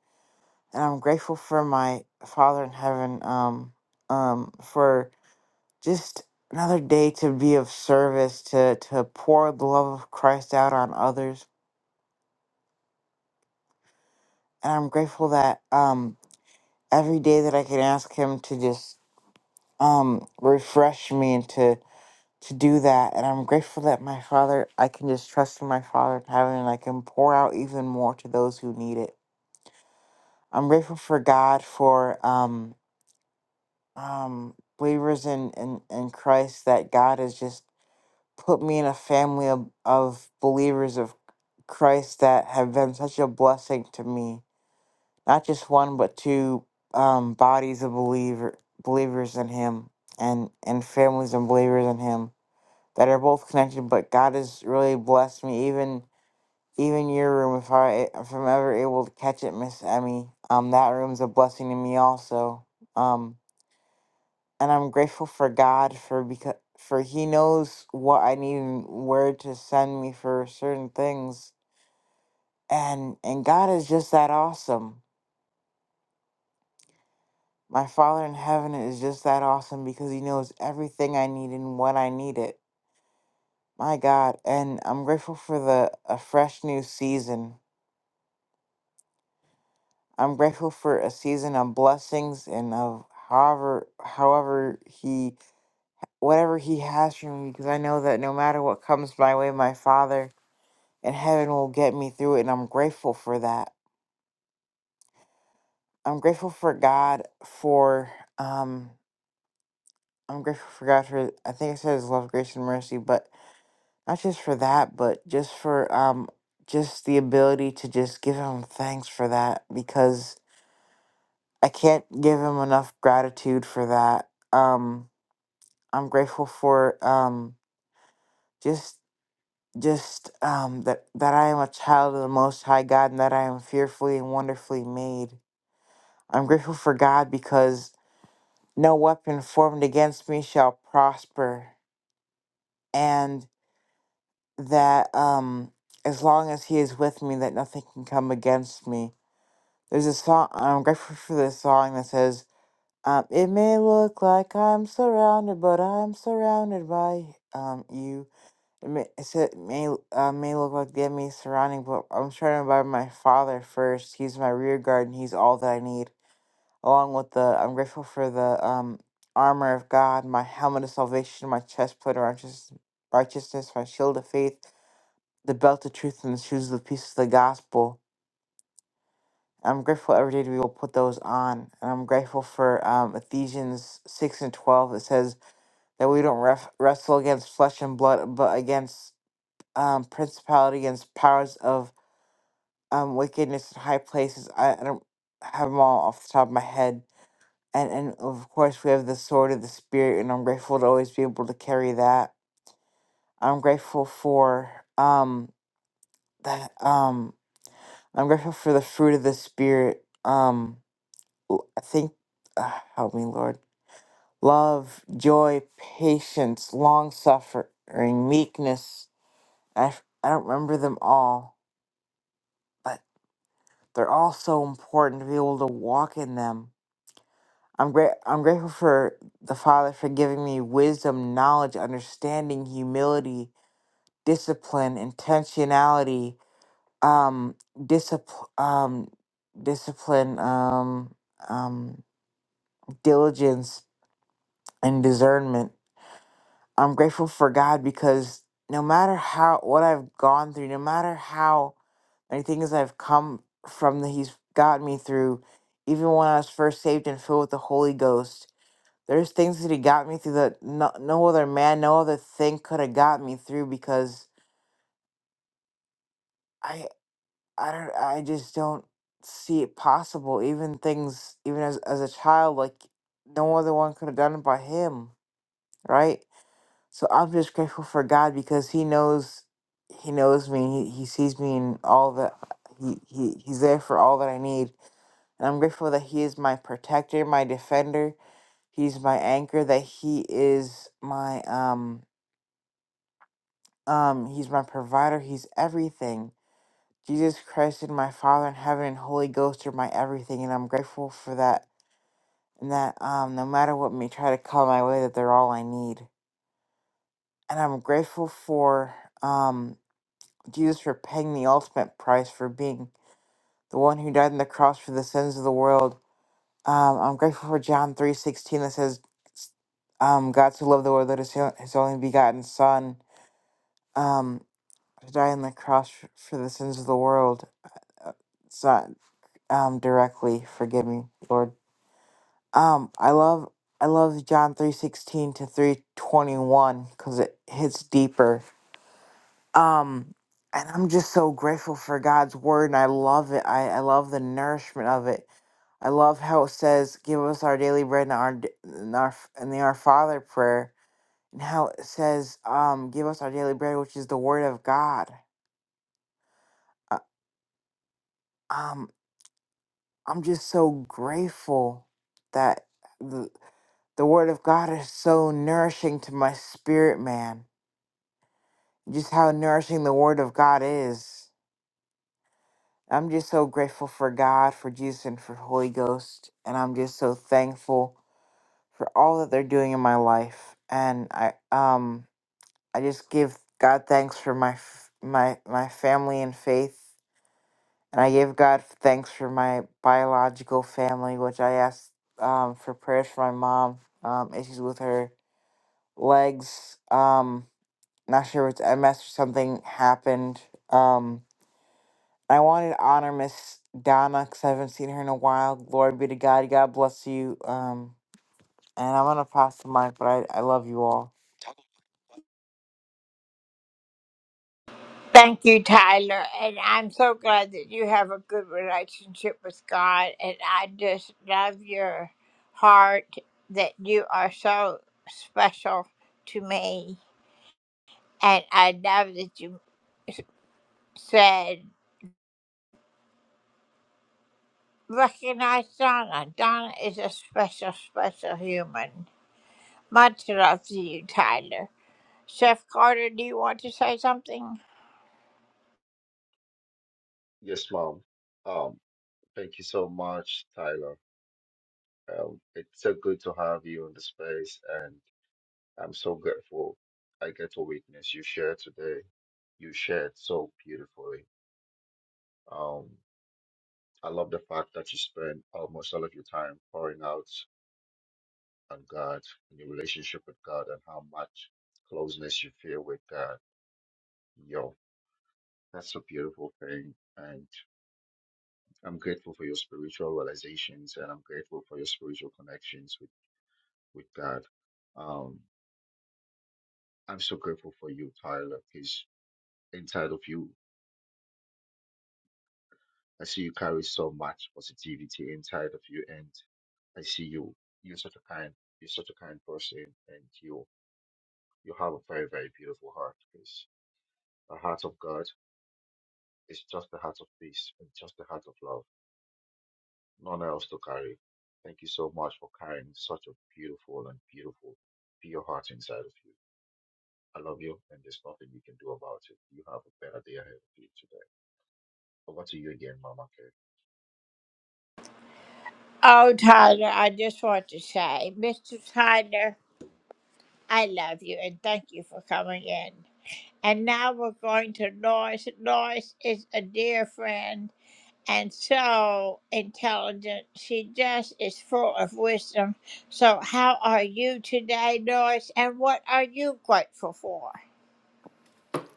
Speaker 11: And I'm grateful for my Father in heaven, um, um, for just another day to be of service to to pour the love of Christ out on others and I'm grateful that um every day that I can ask him to just um refresh me and to to do that and I'm grateful that my father I can just trust in my father in heaven and I can pour out even more to those who need it. I'm grateful for God for um um believers in in, in Christ that God has just put me in a family of, of believers of. Christ that have been such a blessing to me. Not just one, but two um, bodies of believer believers in Him, and and families and believers in Him that are both connected. But God has really blessed me. Even even your room, if I if I'm ever able to catch it, Miss Emmy, um, that room's a blessing to me also. Um, and I'm grateful for God for because for He knows what I need and where to send me for certain things and and God is just that awesome. My Father in heaven is just that awesome because He knows everything I need and when I need it. My God, and I'm grateful for the a fresh new season. I'm grateful for a season of blessings and of however however He whatever He has for me because I know that no matter what comes my way, my Father in heaven will get me through it, and I'm grateful for that. I'm grateful for God for um I'm grateful for God for I think I said his love, grace, and mercy, but not just for that, but just for um just the ability to just give him thanks for that because I can't give him enough gratitude for that. Um I'm grateful for um just just um that that I am a child of the most high God and that I am fearfully and wonderfully made. I'm grateful for God because no weapon formed against me shall prosper. and. that um as long as he is with me that nothing can come against me there's a song i'm grateful for this song that says um it may look like i'm surrounded but i'm surrounded by um you it may, it said, may, uh, may look like the enemy is surrounding but i'm surrounded by my father first he's my rear guard and he's all that i need along with the i'm grateful for the um armor of god my helmet of salvation my chest plate of righteous, righteousness my shield of faith the belt of truth and the shoes of the peace of the gospel. I'm grateful every day to be able to put those on. And I'm grateful for um, Ephesians 6 and 12 that says that we don't ref- wrestle against flesh and blood, but against um, principality, against powers of um, wickedness in high places. I, I don't have them all off the top of my head. And, and of course, we have the sword of the Spirit, and I'm grateful to always be able to carry that. I'm grateful for um, that. um, I'm grateful for the fruit of the spirit. Um, l- I think, uh, help me, Lord. Love, joy, patience, long suffering, meekness. I f- I don't remember them all, but they're all so important to be able to walk in them. I'm great. I'm grateful for the Father for giving me wisdom, knowledge, understanding, humility, discipline, intentionality, um, discipline, um, discipline, um, um. diligence and discernment. I'm grateful for God because no matter how what I've gone through, no matter how many things I've come from that He's got me through, even when I was first saved and filled with the Holy Ghost, there's things that He got me through that no, no other man, no other thing could have got me through because I I don't I just don't see it possible. Even things even as as a child, like no other one could have done it by Him, right? So I'm just grateful for God because He knows He knows me. He, he sees me in all that he, he He's there for all that I need. And I'm grateful that He is my protector, my defender. He's my anchor, that He is my um um He's my provider, He's everything. Jesus Christ and my Father in heaven and Holy Ghost are my everything and I'm grateful for that and that um no matter what may try to come my way that they're all I need. And I'm grateful for um. Jesus for paying the ultimate price for being the one who died on the cross for the sins of the world. Um, I'm grateful for John three sixteen that says, um, "God so loved the world that His His only begotten Son um, to die on the cross f- for the sins of the world." Uh, It's not um, directly. Forgive me, Lord. Um, I love I love John three sixteen to three twenty one because it hits deeper Um, and I'm just so grateful for God's word, and I love it. I, I love the nourishment of it. I love how it says, "Give us our daily bread," and our d- and our f- and the Our Father prayer, and how it says, um, "Give us our daily bread," which is the word of God. Uh, um, I'm just so grateful that the the word of God is so nourishing to my spirit, man. Just how nourishing the word of God is. I'm just so grateful for God, for Jesus, and for Holy Ghost, and I'm just so thankful for all that they're doing in my life. And I um I just give God thanks for my f- my my family and faith, and I give God thanks for my biological family, which I asked um, for prayers for my mom, um, issues with her legs, um, not sure if it's MS or something happened. Um, I wanted to honor Miss Donna because I haven't seen her in a while. Glory be to God. God bless you. Um, and I'm gonna pass the mic, but I, I love you all.
Speaker 5: Yes, Mom. Um, Thank you so much, Tyler. Um, it's so good to have you in the space, and I'm so grateful I get to witness you share today. You shared so beautifully. Um, I love the fact that you spend almost all of your time pouring out on God and your relationship with God and how much closeness you feel with God. Yo, that's a beautiful thing. And I'm grateful for your spiritual realizations and I'm grateful for your spiritual connections with, with God. Um, I'm so grateful for you, Tyler, because inside of you, I see you carry so much positivity inside of you, and I see you. You're such a kind, you're such a kind person, and you you have a very very beautiful heart. Because the heart of God is just the heart of peace and just the heart of love, none else to carry. Thank you so much for carrying such a beautiful and beautiful pure heart inside of you. I love you, and there's nothing you can do about it. You have a better day ahead of you today. Over to you again, Mama K.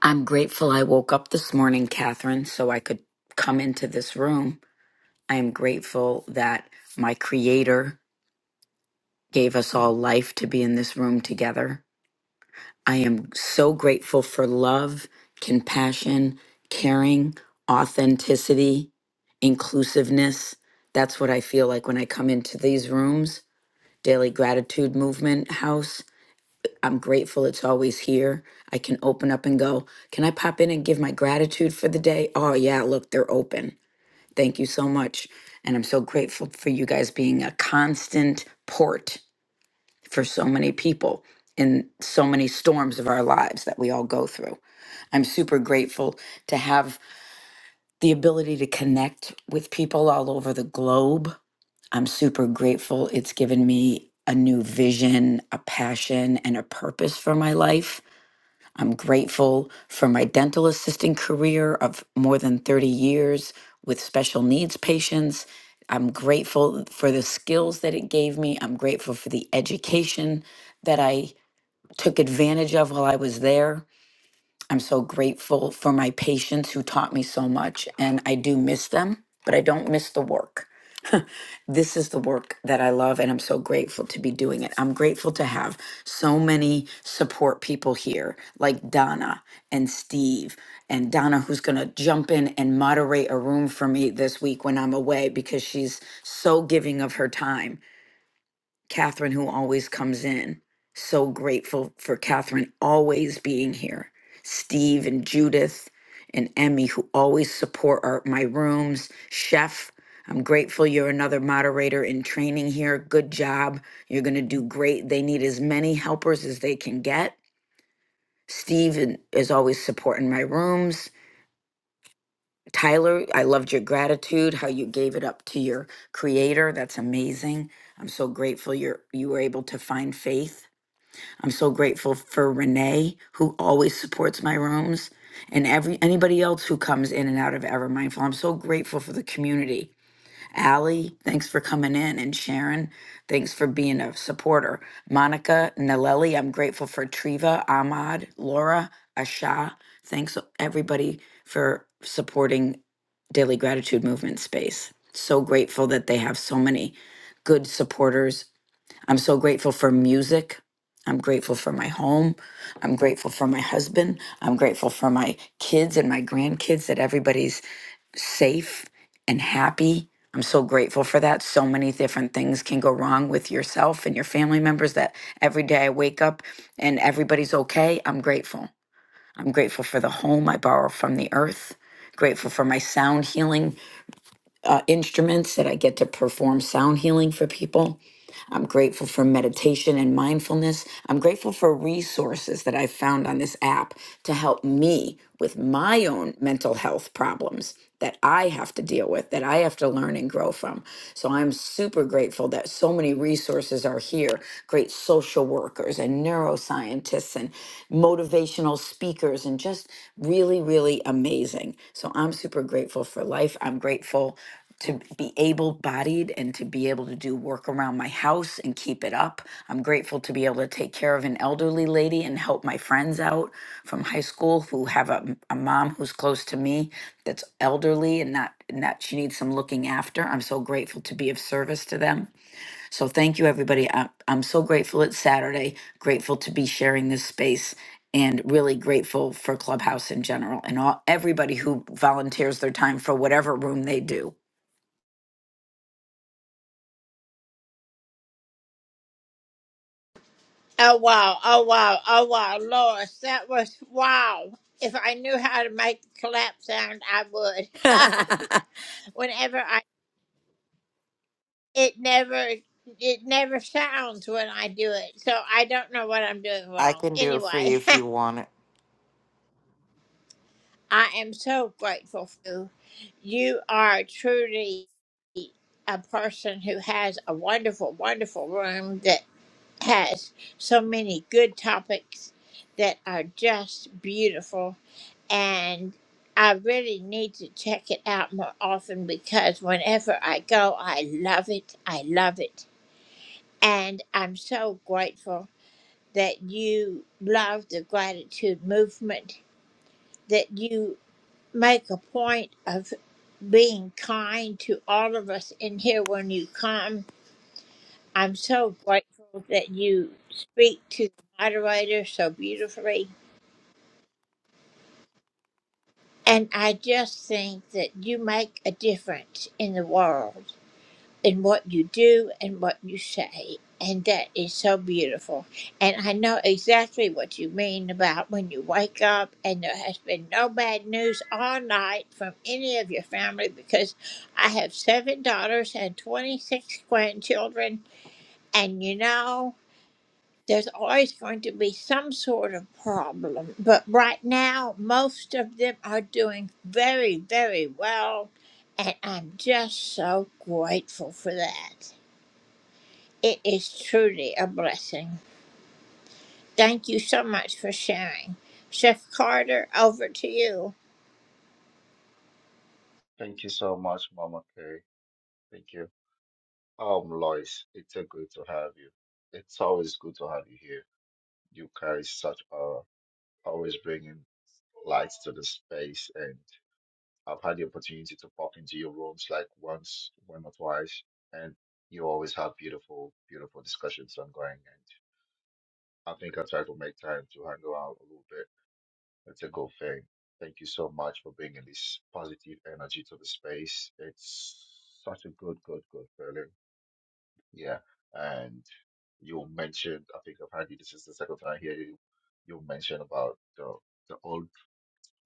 Speaker 10: I'm grateful I woke up this morning, Catherine, so I could come into this room. I am grateful that my creator gave us all life to be in this room together. I am so grateful for love, compassion, caring, authenticity, inclusiveness. That's what I feel like when I come into these rooms. Daily Gratitude Movement House. I'm grateful it's always here. I can open up and go, can I pop in and give my gratitude for the day? Oh, yeah, look, they're open. Thank you so much. And I'm so grateful for you guys being a constant port for so many people in so many storms of our lives that we all go through. I'm super grateful to have the ability to connect with people all over the globe. I'm super grateful it's given me a new vision, a passion, and a purpose for my life. I'm grateful for my dental assisting career of more than 30 years with special needs patients. I'm grateful for the skills that it gave me. I'm grateful for the education that I took advantage of while I was there. I'm so grateful for my patients who taught me so much, and I do miss them, but I don't miss the work this is the work that I love, and I'm so grateful to be doing it. I'm grateful to have so many support people here, like Donna and Steve, and Donna, who's going to jump in and moderate a room for me this week when I'm away because she's so giving of her time Catherine, who always comes in. So grateful for Catherine always being here. Steve and Judith and Emmy, who always support our, my rooms. Chef, I'm grateful you're another moderator in training here. Good job. You're going to do great. They need as many helpers as they can get. Steve and- is always supporting my rooms. Tyler, I loved your gratitude, how you gave it up to your creator. That's amazing. I'm so grateful you're you were able to find faith I'm so grateful for Renee, who always supports my rooms, and every anybody else who comes in and out of Ever Mindful. I'm so grateful for the community. Allie, thanks for coming in, and Sharon, thanks for being a supporter. Monica, Naleli, I'm grateful for Triva, Ahmad, Laura, Asha. Thanks everybody for supporting Daily Gratitude Movement Space. So grateful that they have so many good supporters I'm so grateful for music. I'm grateful for my home. I'm grateful for my husband. I'm grateful for my kids and my grandkids that everybody's safe and happy. I'm so grateful for that. So many different things can go wrong with yourself and your family members that every day I wake up and everybody's okay. I'm grateful. I'm grateful for the home I borrow from the earth. Grateful for my sound healing uh, instruments that I get to perform sound healing for people. I'm grateful for meditation and mindfulness. I'm grateful for resources that I found on this app to help me with my own mental health problems that I have to deal with, that I have to learn and grow from. So I'm super grateful that so many resources are here great social workers and neuroscientists and motivational speakers, and just really, really amazing. So I'm super grateful for life. I'm grateful to be able bodied and to be able to do work around my house and keep it up. I'm grateful to be able to take care of an elderly lady and help my friends out from high school who have a, a mom who's close to me that's elderly and not and that she needs some looking after. I'm so grateful to be of service to them. So thank you everybody. I, I'm so grateful it's Saturday, grateful to be sharing this space and really grateful for Clubhouse in general and all everybody who volunteers their time for whatever room they do.
Speaker 11: I can do it for you if you want it.
Speaker 5: Thank you so much, Mama Kay. Thank you. Um, Lois, it's a good to have you. It's always good to have you here. You carry such a always bringing lights to the space, and I've had the opportunity to pop into your rooms like once, one or twice, and you always have beautiful, beautiful discussions ongoing. And I think I try to make time to hang around a little bit. It's a good thing. Thank you so much for bringing this positive energy to the space. It's such a good, good, good feeling Yeah. And you mentioned, I think apparently this is the second time I hear you, you mentioned about the the old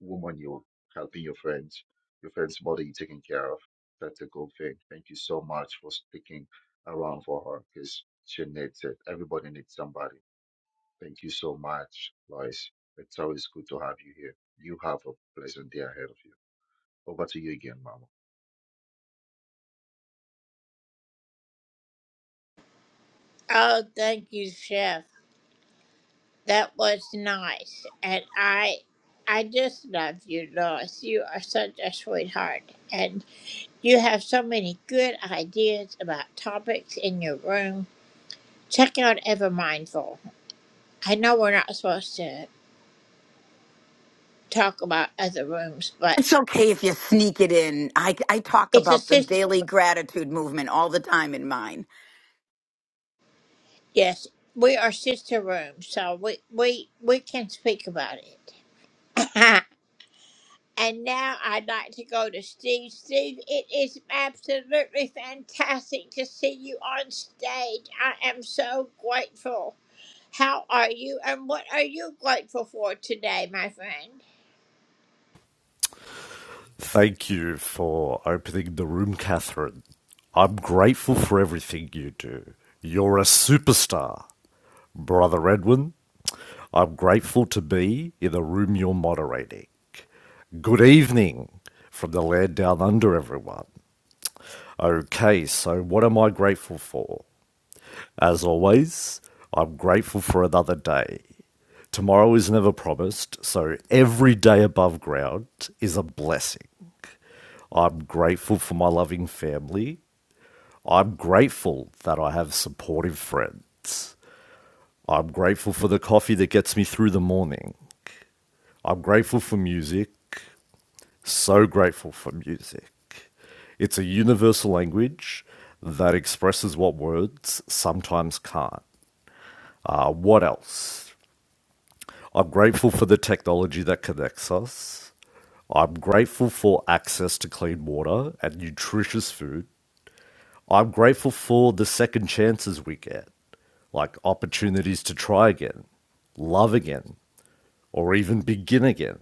Speaker 5: woman you're helping your friends, your friend's mother you're taking care of. That's a good thing. Thank you so much for sticking around for her because she needs it. Everybody needs somebody. Thank you so much, Lois. It's always good to have you here. You have a pleasant day ahead of you. Over to you again, Mama.
Speaker 10: It's okay if you sneak it in. I, I talk about the daily gratitude movement all the time in mine.
Speaker 12: Thank you for opening the room, Catherine. I'm grateful for everything you do. You're a superstar. Brother Edwin, I'm grateful to be in the room you're moderating. Good evening from the land down under, everyone. Okay, so what am I grateful for? As always, I'm grateful for another day. Tomorrow is never promised, so every day above ground is a blessing. I'm grateful for my loving family. I'm grateful that I have supportive friends. I'm grateful for the coffee that gets me through the morning. I'm grateful for music. So grateful for music. It's a universal language that expresses what words sometimes can't. Uh, what else? I'm grateful for the technology that connects us. I'm grateful for access to clean water and nutritious food. I'm grateful for the second chances we get, like opportunities to try again, love again, or even begin again.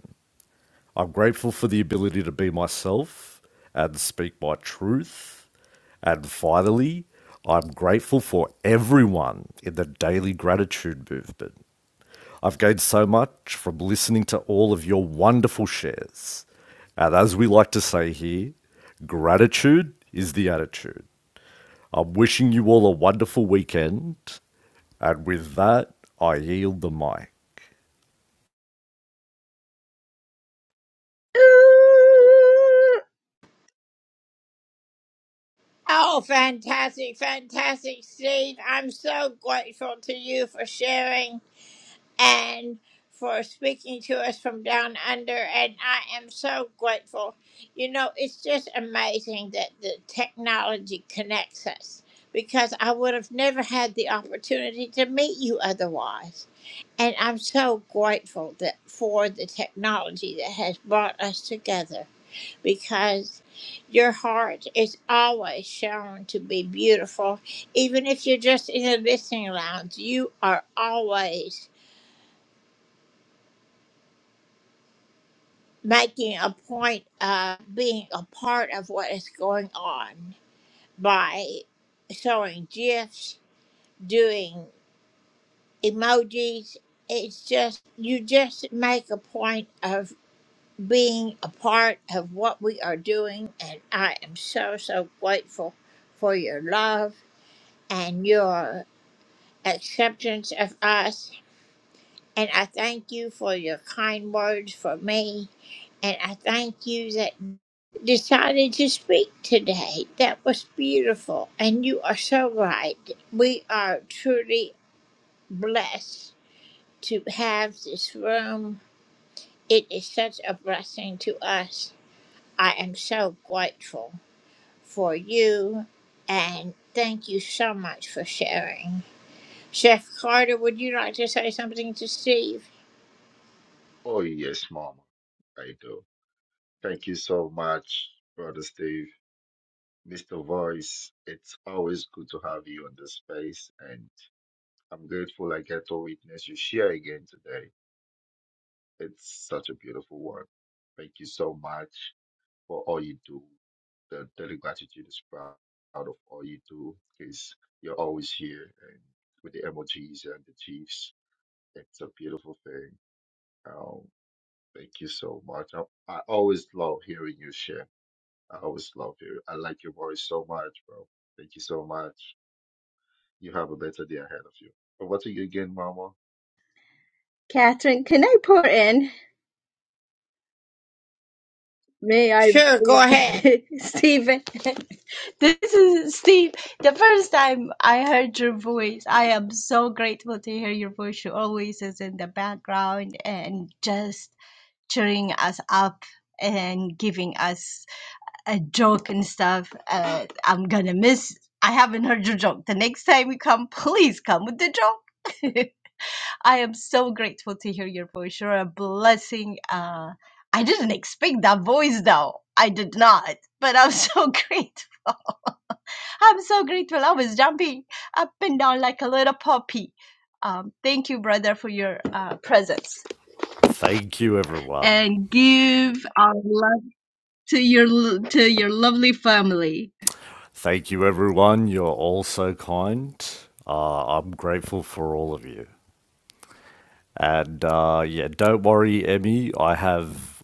Speaker 12: I'm grateful for the ability to be myself and speak my truth. And finally, I'm grateful for everyone in the daily gratitude movement. I've gained so much from listening to all of your wonderful shares. And as we like to say here, gratitude is the attitude. I'm wishing you all a wonderful weekend. And with that, I yield the mic.
Speaker 9: Ooh,
Speaker 5: Oh, yes, Mama. I do. Thank you so much, Brother Steve. Mr. Voice, it's always good to have you on the space, and I'm grateful I get to witness you share again today. It's such a beautiful one. Thank you so much for all you do. The Daily Gratitude is proud of all you do because you're always here and with the emojis and the chiefs. It's a beautiful thing. Um, thank you so much. I, I always love hearing you share. I always love hearing. I like your voice so much, bro. Thank you so much. You have a better day ahead of you. Over to you again, Mama.
Speaker 9: Catherine, can I pour in? May I please, Stephen? This is Steve. The first time I heard your voice, I am so grateful to hear your voice. You always is in the background and just cheering us up and giving us a joke and stuff. Uh, I'm gonna miss. I haven't heard your joke. The next time you come, please come with the joke. I am so grateful to hear your voice. You're a blessing. Uh, I didn't expect that voice though. I did not, but I'm so grateful. I'm so grateful. I was jumping up and down like a little puppy. Um, thank you, brother, for your uh, presence
Speaker 12: Thank you, everyone.
Speaker 9: and give our love to your l- to your lovely family.
Speaker 12: Thank you, everyone. You're all so kind. Uh, I'm grateful for all of you. And uh, yeah, don't worry, Emmy. I have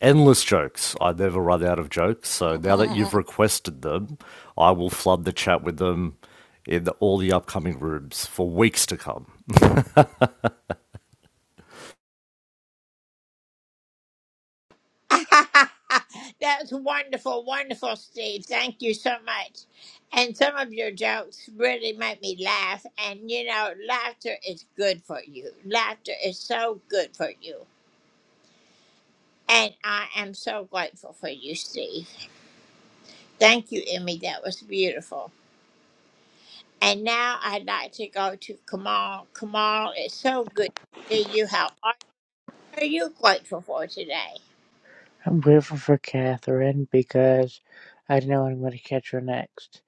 Speaker 12: endless jokes. I never run out of jokes. So now that you've requested them, I will flood the chat with them in all the upcoming rooms for weeks to come.
Speaker 13: I'm grateful for Catherine because I know I'm going to catch her next.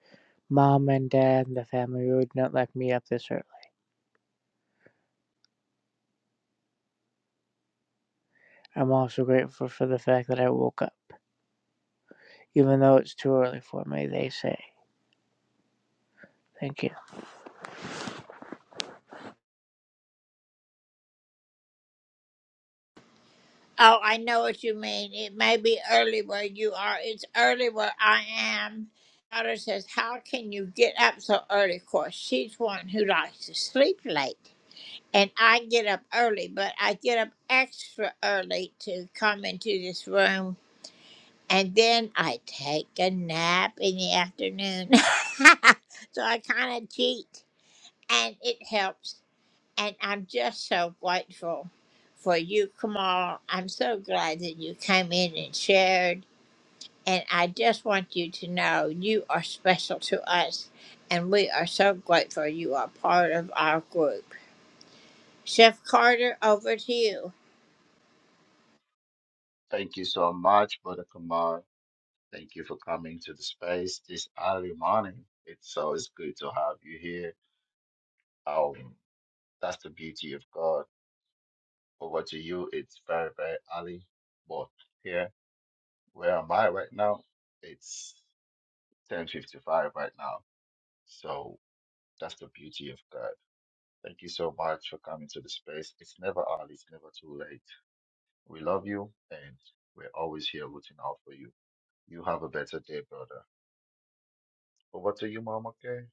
Speaker 13: Mom and dad and the family would not let me up this early. I'm also grateful for the fact that I woke up, even though it's too early for me, they say. Thank you.
Speaker 5: Thank you so much, Brother Kamal. Thank you for coming to the space this early morning. It's always good to have you here. Um, that's the beauty of God. Over to you. It's very, very early. But here, where am I right now? It's 10:55 right now. So that's the beauty of God. Thank you so much for coming to the space. It's never early. It's never too late. We love you, and we're always here rooting out for you. You have a better day, brother. Over to you, Mom, okay?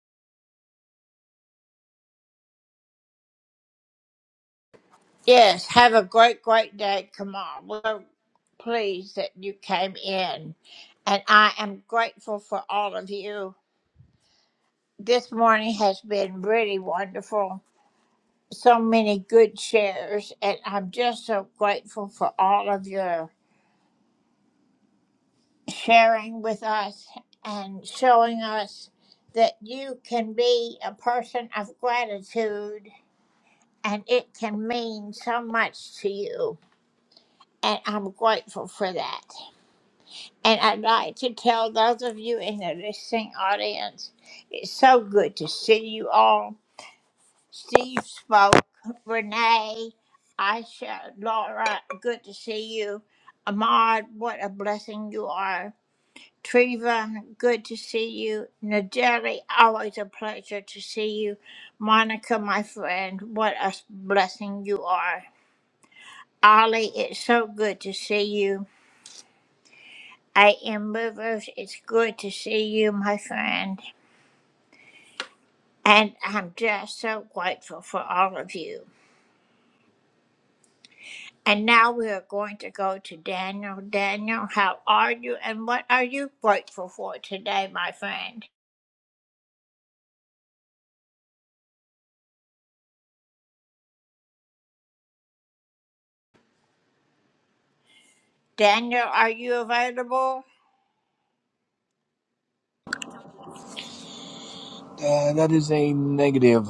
Speaker 14: Uh, that is a negative.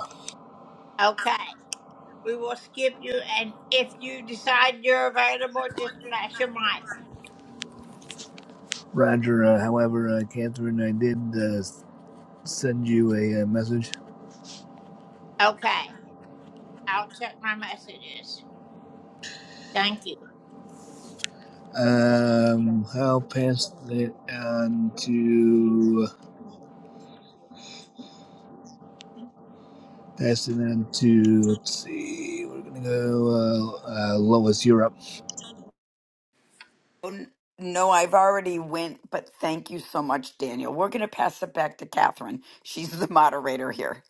Speaker 14: Roger. Uh, however, uh, Catherine, I did uh, send you a, uh message. Um, I'll pass it on to pass it on to. Let's see. We're gonna go. Uh, uh, Lois, Europe.
Speaker 10: N- No, I've already went, but thank you so much, Daniel. We're going to pass it back to Catherine. She's the moderator here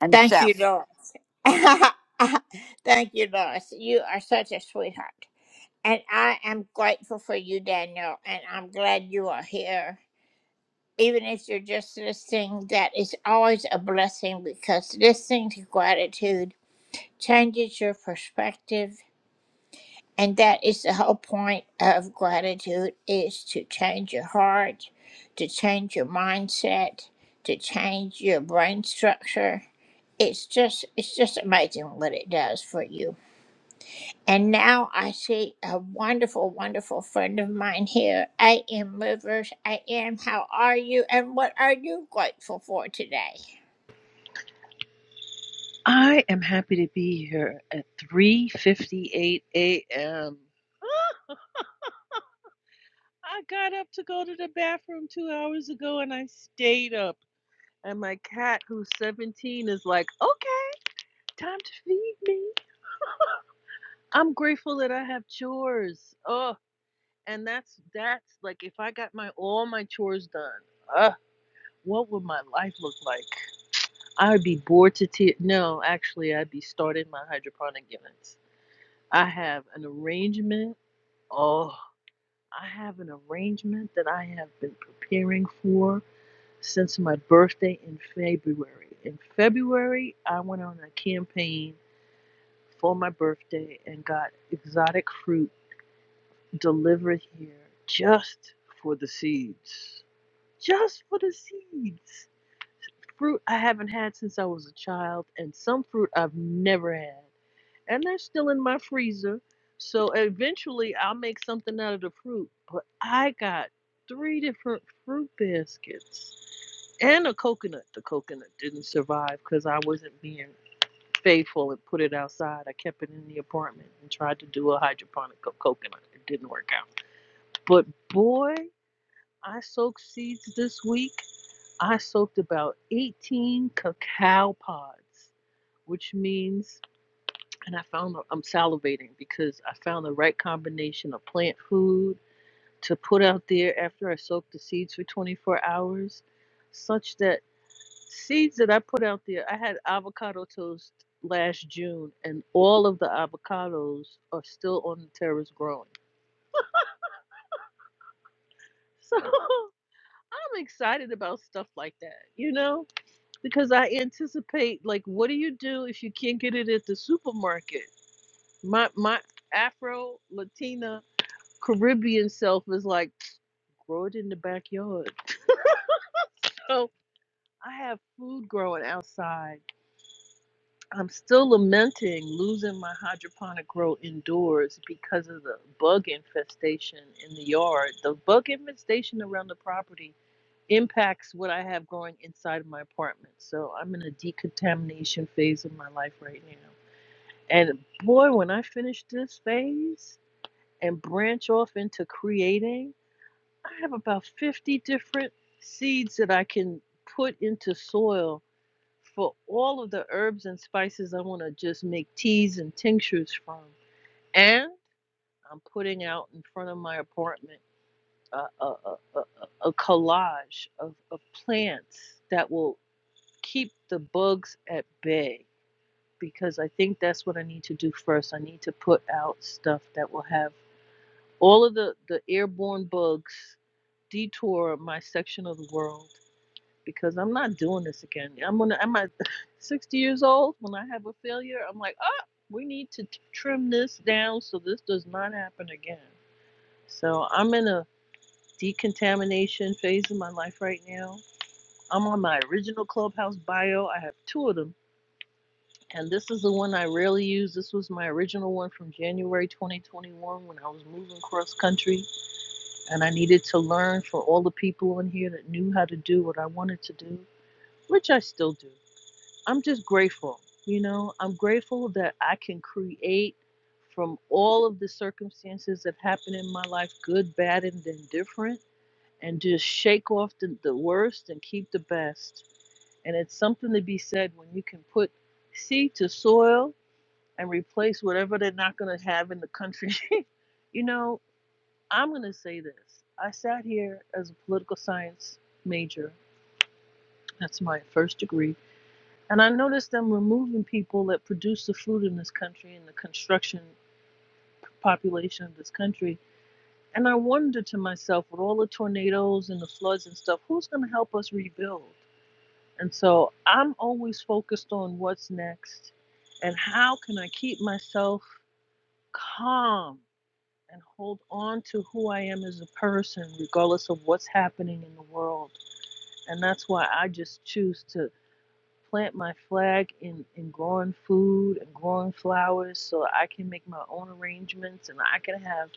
Speaker 10: and chef.
Speaker 15: I am happy to be here at 3:58 a.m. Ah, I got up to go to the bathroom 2 hours ago and I stayed up. And my cat who's 17 is like, "Okay, time to feed me." I'm grateful that I have chores. Oh, and that's that's like if I got my all my chores done. Uh, what would my life look like? I'd be bored to tears. No, actually, I'd be starting my hydroponic units. I have an arrangement. Oh. I have an arrangement that I have been preparing for since my birthday in February. In February, I went on a campaign for my birthday and got exotic fruit delivered here just for the seeds. Just for the seeds. Fruit I haven't had since I was a child, and some fruit I've never had. and they're still in my freezer. So eventually I'll make something out of the fruit. But I got three different fruit baskets and a coconut. The coconut didn't survive because I wasn't being faithful and put it outside. I kept it in the apartment and tried to do a hydroponic co- coconut. It didn't work out. But boy, I soaked seeds this week. I soaked about 18 cacao pods, which means and I found I'm salivating because I found the right combination of plant food to put out there after I soak the seeds for 24 hours, such that seeds that I put out there, I had avocado toast last June, and all of the avocados are still on the terrace growing. So I'm excited about stuff like that, you know, because I anticipate like, what do you do if you can't get it at the supermarket? My my Afro Latina Caribbean self is like, grow it in the backyard. So I have food growing outside. I'm still lamenting losing my hydroponic grow indoors because of the bug infestation in the yard. The bug infestation around the property impacts what I have growing inside of my apartment. So I'm in a decontamination phase of my life right now. And boy, when I finish this phase and branch off into creating, I have about 50 different seeds that I can put into soil for all of the herbs and spices I want to just make teas and tinctures from. And I'm putting out in front of my apartment a, a, a, a, a collage of, of plants that will keep the bugs at bay because I think that's what I need to do first. I need to put out stuff that will have all of the, the airborne bugs detour my section of the world because I'm not doing this again. I'm gonna I'm at 60 years old when I have a failure. I'm like, oh, we need to t- trim this down so this does not happen again. So I'm in a decontamination phase of my life right now. I'm on my original Clubhouse bio. I have two of them, and this is the one I rarely use. This was my original one from January 2021 when I was moving cross country, and I needed to learn for all the people in here that knew how to do what I wanted to do, which I still do. I'm just grateful. You know, I'm grateful that I can create from all of the circumstances that happen in my life, good, bad, and indifferent, and just shake off the, the worst and keep the best. And it's something to be said when you can put seed to soil and replace whatever they're not going to have in the country. you know, I'm going to say this. I sat here as a political science major. That's my first degree and I noticed them removing people that produce the food in this country and the construction population of this country. And I wonder to myself, with all the tornadoes and the floods and stuff, who's going to help us rebuild? And so I'm always focused on what's next and how can I keep myself calm and hold on to who I am as a person, regardless of what's happening in the world. And that's why I just choose to plant my flag in, in growing food and growing flowers so I can make my own arrangements and I can have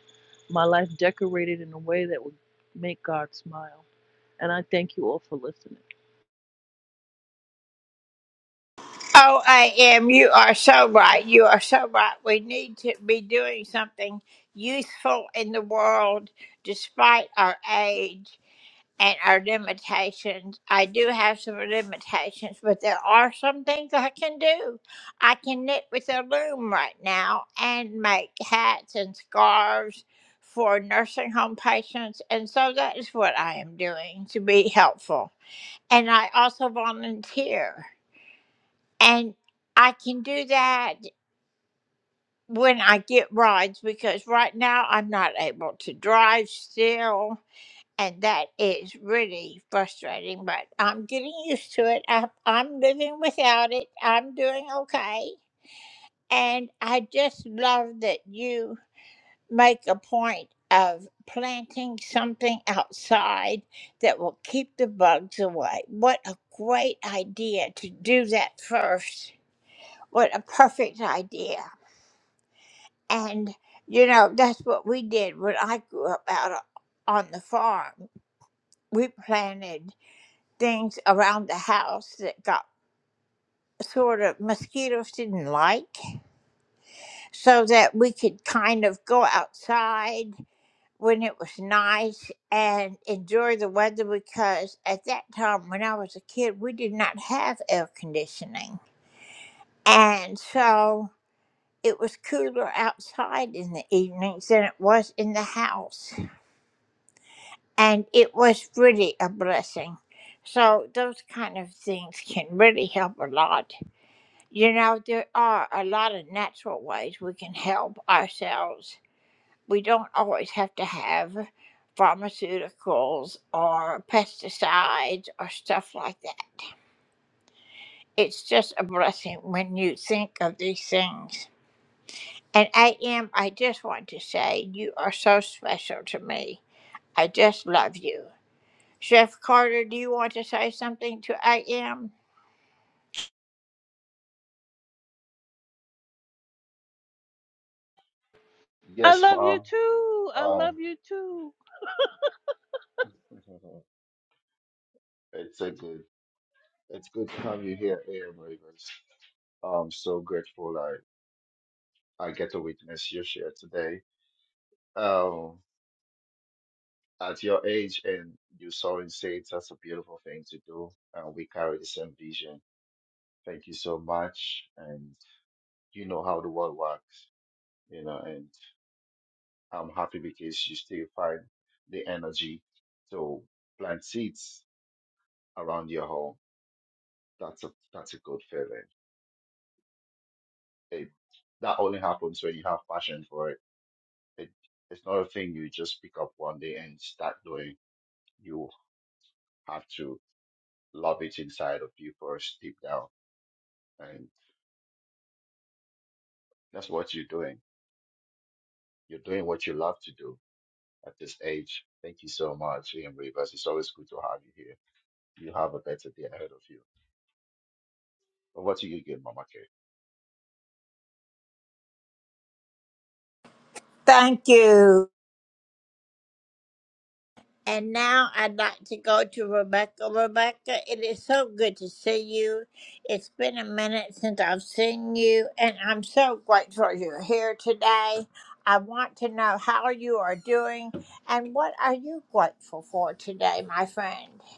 Speaker 15: my life decorated in a way that would make God smile. And I thank you all for listening. I
Speaker 5: Yes,
Speaker 15: love you
Speaker 5: Mom.
Speaker 15: too. I
Speaker 5: Um,
Speaker 15: love you too.
Speaker 5: it's a good, it's good to have you here, Air Ravens. I'm so grateful I, I get to witness your share today. Um, at your age and you sowing seeds, that's a beautiful thing to do. And we carry the same vision. Thank you so much. And you know how the world works, you know, and I'm happy because you still find the energy to plant seeds around your home. That's a that's a good feeling. It, that only happens when you have passion for it. it. It's not a thing you just pick up one day and start doing. You have to love it inside of you first, deep down, and that's what you're doing. You're doing what you love to do at this age. Thank you so much, Ian Rivers. It's always good to have you here. You have a better day ahead of you. But what do you get, Mama K?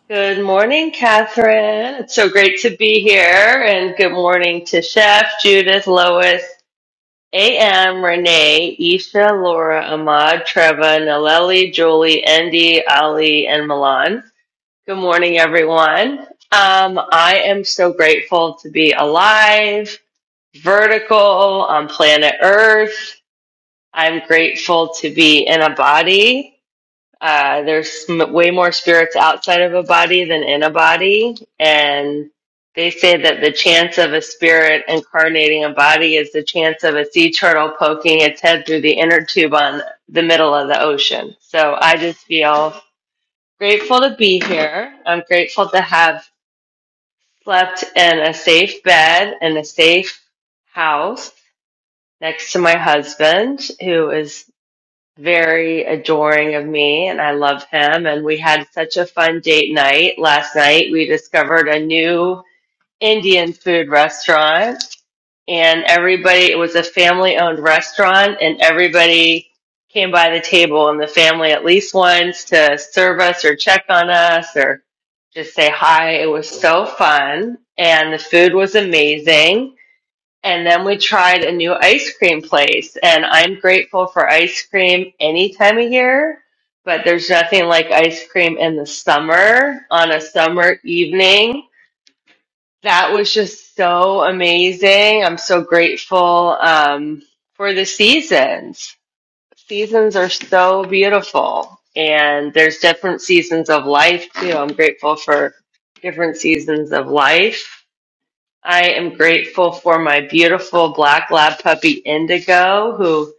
Speaker 16: Good morning, Catherine. It's so great to be here. And good morning to Chef, Judith, Lois, AM, Renee, Isha, Laura, Ahmad, Treva, Naleli, Julie, Andy, Ali, and Milan. Good morning, everyone. Um, I am so grateful to be alive, vertical on planet Earth. I'm grateful to be in a body uh, there's m- way more spirits outside of a body than in a body, and they say that the chance of a spirit incarnating a body is the chance of a sea turtle poking its head through the inner tube on the middle of the ocean. So I just feel grateful to be here. I'm grateful to have slept in a safe bed and a safe house next to my husband, who is very adoring of me and I love him. And we had such a fun date night last night. We discovered a new Indian food restaurant and everybody, it was a family owned restaurant and everybody came by the table and the family at least once to serve us or check on us or just say hi. It was so fun and the food was amazing and then we tried a new ice cream place, and I'm grateful for ice cream any time of year, but there's nothing like ice cream in the summer on a summer evening. That was just so amazing. I'm so grateful um, for the seasons. Seasons are so beautiful, and there's different seasons of life too. I'm grateful for different seasons of life I am grateful for my beautiful black lab puppy Indigo, who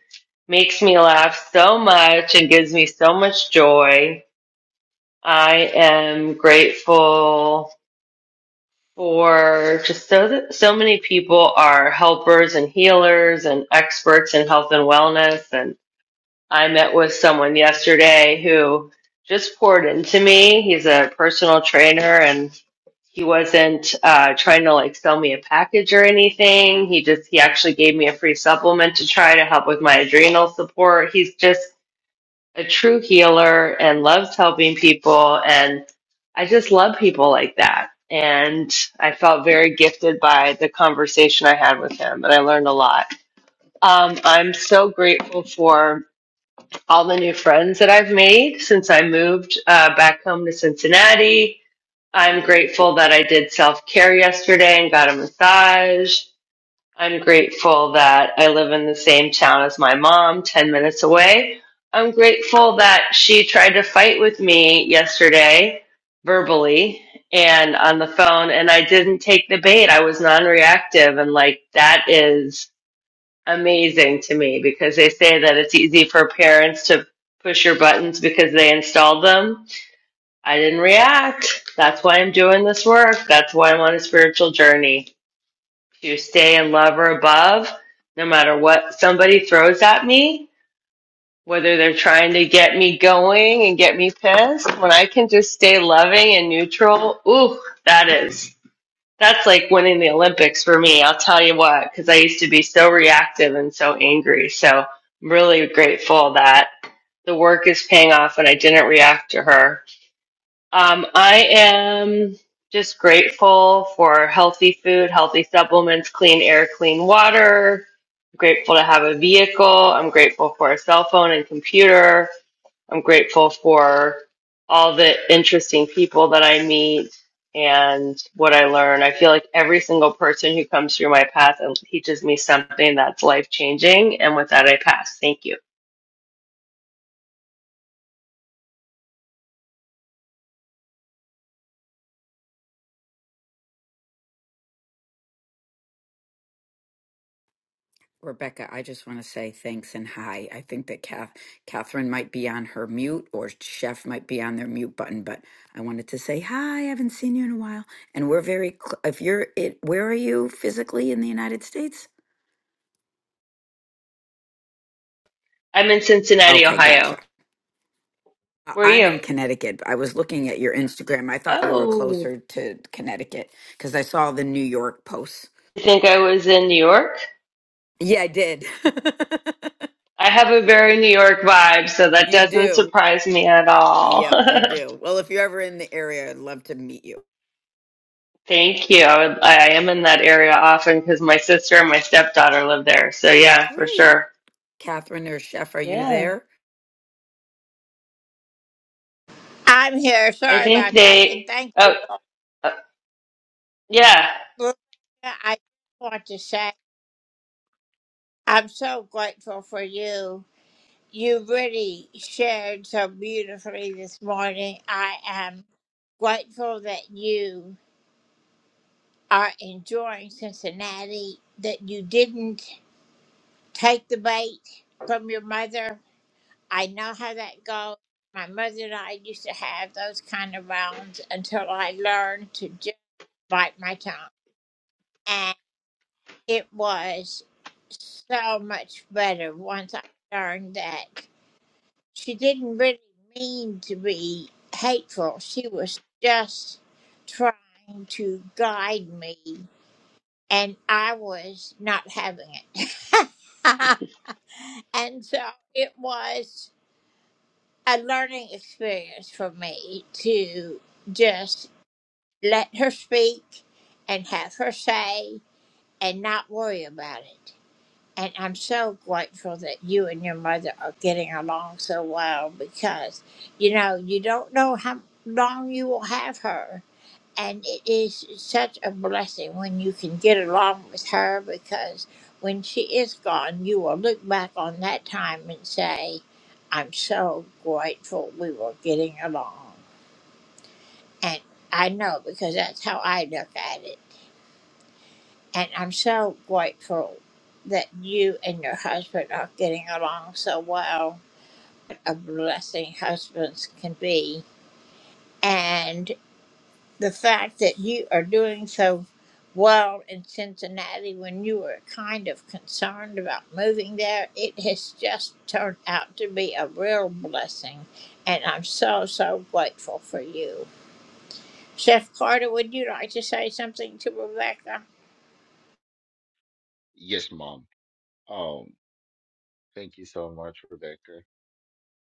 Speaker 16: makes me laugh so much and gives me so much joy. I am grateful for just so that so many people are helpers and healers and experts in health and wellness and. I met with someone yesterday who just poured into me. He's a personal trainer and he wasn't uh, trying to like sell me a package or anything. He just, he actually gave me a free supplement to try to help with my adrenal support. He's just a true healer and loves helping people. And I just love people like that. And I felt very gifted by the conversation I had with him, and I learned a lot. Um, I'm so grateful for all the new friends that I've made since I moved uh, back home to Cincinnati. I'm grateful that I did self care yesterday and got a massage. I'm grateful that I live in the same town as my mom, 10 minutes away. I'm grateful that she tried to fight with me yesterday verbally and on the phone, and I didn't take the bait. I was non reactive, and like that is amazing to me because they say that it's easy for parents to push your buttons because they installed them. I didn't react. That's why I'm doing this work. That's why I'm on a spiritual journey to stay in love or above, no matter what somebody throws at me, whether they're trying to get me going and get me pissed. When I can just stay loving and neutral, ooh, that is. That's like winning the Olympics for me. I'll tell you what, because I used to be so reactive and so angry. So I'm really grateful that the work is paying off and I didn't react to her. Um, I am just grateful for healthy food, healthy supplements, clean air, clean water. I'm grateful to have a vehicle. I'm grateful for a cell phone and computer. I'm grateful for all the interesting people that I meet and what I learn. I feel like every single person who comes through my path and teaches me something that's life changing. And with that, I pass. Thank you.
Speaker 10: Rebecca, I just want to say thanks and hi. I think that Kath, Catherine might be on her mute or Chef might be on their mute button, but I wanted to say hi. I haven't seen you in a while. And we're very, cl- if you're, it, where are you physically in the United States?
Speaker 16: I'm in Cincinnati,
Speaker 10: Okay, gotcha.
Speaker 16: Ohio.
Speaker 10: I-
Speaker 16: Where are
Speaker 10: I'm
Speaker 16: you?
Speaker 10: in Connecticut. I was looking at your Instagram. I thought you were
Speaker 16: Oh,
Speaker 10: closer to Connecticut because I saw the New York posts.
Speaker 16: I think I was in New York.
Speaker 10: Yeah, I did.
Speaker 16: I have a very New York vibe, so that
Speaker 10: you
Speaker 16: doesn't
Speaker 10: do.
Speaker 16: surprise me at all.
Speaker 10: Yep, you do. Well, if you're ever in the area, I'd love to meet you.
Speaker 16: Thank you. I, would, I am in that area often because my sister and my stepdaughter live there. So, yeah, for
Speaker 10: Great.
Speaker 16: sure.
Speaker 10: Catherine or Chef, are you
Speaker 16: Yeah.
Speaker 10: there?
Speaker 16: I think they, uh, uh, yeah,
Speaker 5: Yes, Mom. Um, thank you so much, Rebecca.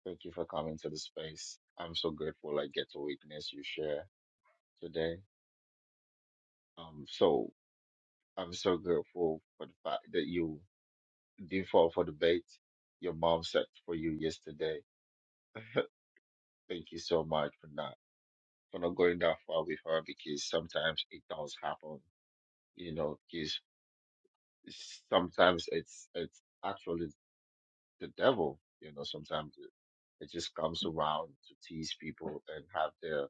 Speaker 5: Thank you for coming to the space. I'm so grateful I get to witness you share today. Um, so I'm so grateful for the fact that you did fall for the bait your mom set for you yesterday. Thank you so much for not for not going that far with her because sometimes it does happen. You know, because sometimes it's it's actually the devil. You know, sometimes it, it just comes around to tease people and have their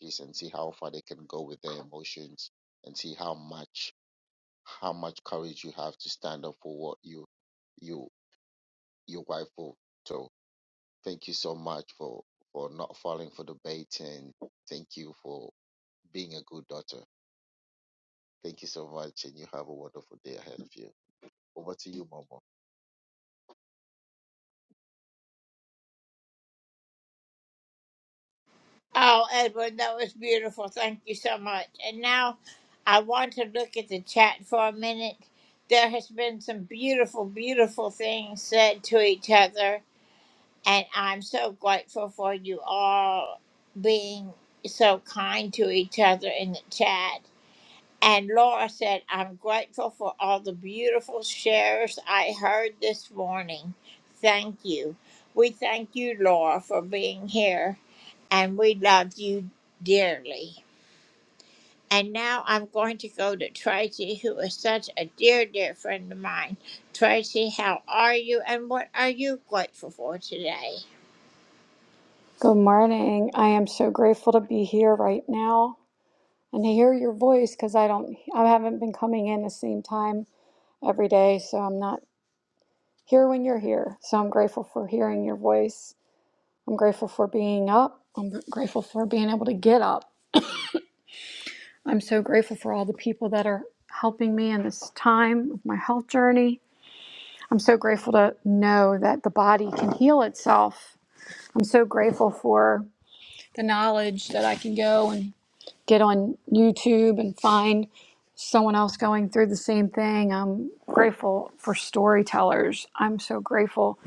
Speaker 5: piece and see how far they can go with their emotions and see how much how much courage you have to stand up for what you you your wife will so thank you so much for for not falling for the bait and thank you for being a good daughter thank you so much and you have a wonderful day ahead of you over to you momo
Speaker 17: Good morning. I am so grateful to be here right now and to hear your voice because I don't, I haven't been coming in the same time every day, so I'm not here when you're here. So I'm grateful for hearing your voice. I'm grateful for being up. I'm grateful for being able to get up. I'm so grateful for all the people that are helping me in this time of my health journey. I'm so grateful to know that the body can heal itself. I'm so grateful for the knowledge that I can go and get on YouTube and find someone else going through the same thing. I'm grateful for storytellers. I'm so grateful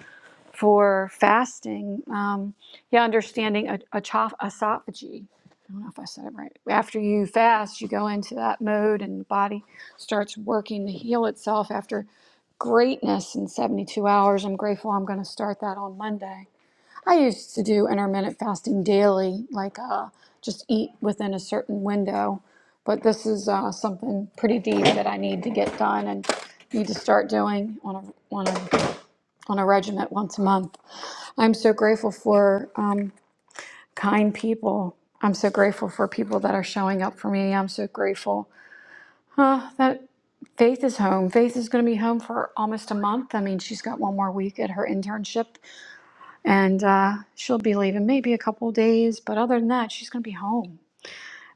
Speaker 17: for fasting. Um, yeah, understanding a, a chof- esophagy. I don't know if I said it right. After you fast, you go into that mode and the body starts working to heal itself after greatness in 72 hours. I'm grateful I'm going to start that on Monday. I used to do intermittent fasting daily, like uh, just eat within a certain window. But this is uh, something pretty deep that I need to get done and need to start doing on a on a on a regiment once a month. I'm so grateful for um, kind people. I'm so grateful for people that are showing up for me. I'm so grateful uh, that Faith is home. Faith is going to be home for almost a month. I mean, she's got one more week at her internship and uh, she'll be leaving maybe a couple days. But other than that, she's going to be home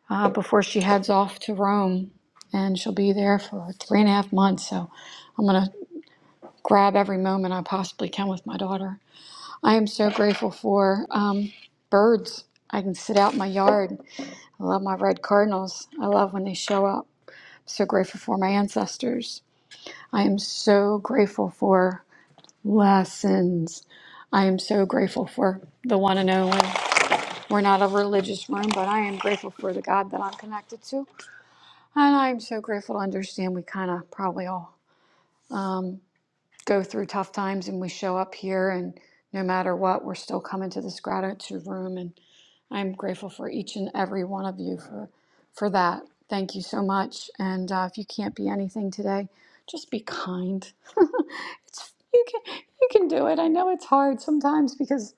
Speaker 17: uh, before she heads off to Rome, and she'll be there for three and a half months. So I'm going to grab every moment I possibly can with my daughter. I am so grateful for um, birds. I can sit out in my yard. I love my red cardinals. I love when they show up. So grateful for my ancestors. I am so grateful for lessons. I am so grateful for the one and only. We're not a religious room, but I am grateful for the God that I'm connected to. And I'm so grateful to understand we kind of probably all um, go through tough times and we show up here, and no matter what, we're still coming to this gratitude room. And I'm grateful for each and every one of you for, for that. Thank you so much. And uh, if you can't be anything today, just be kind. it's, you, can, you can do it. I know it's hard sometimes because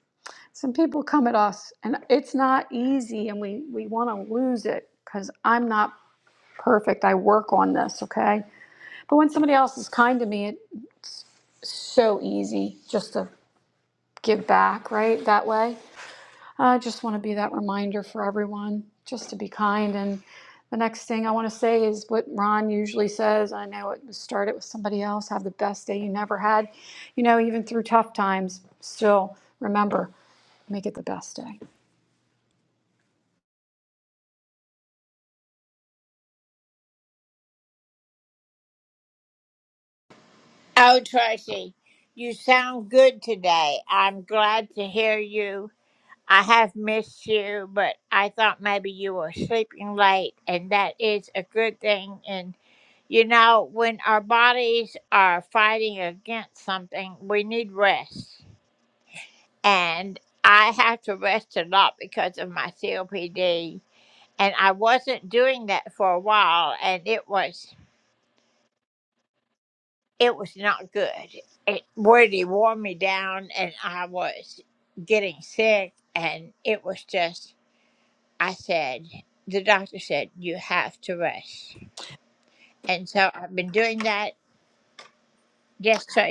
Speaker 17: some people come at us and it's not easy and we we want to lose it because i'm not perfect i work on this okay but when somebody else is kind to me it's so easy just to give back right that way i just want to be that reminder for everyone just to be kind and the next thing i want to say is what ron usually says i know it started with somebody else have the best day you never had you know even through tough times still remember make it the best day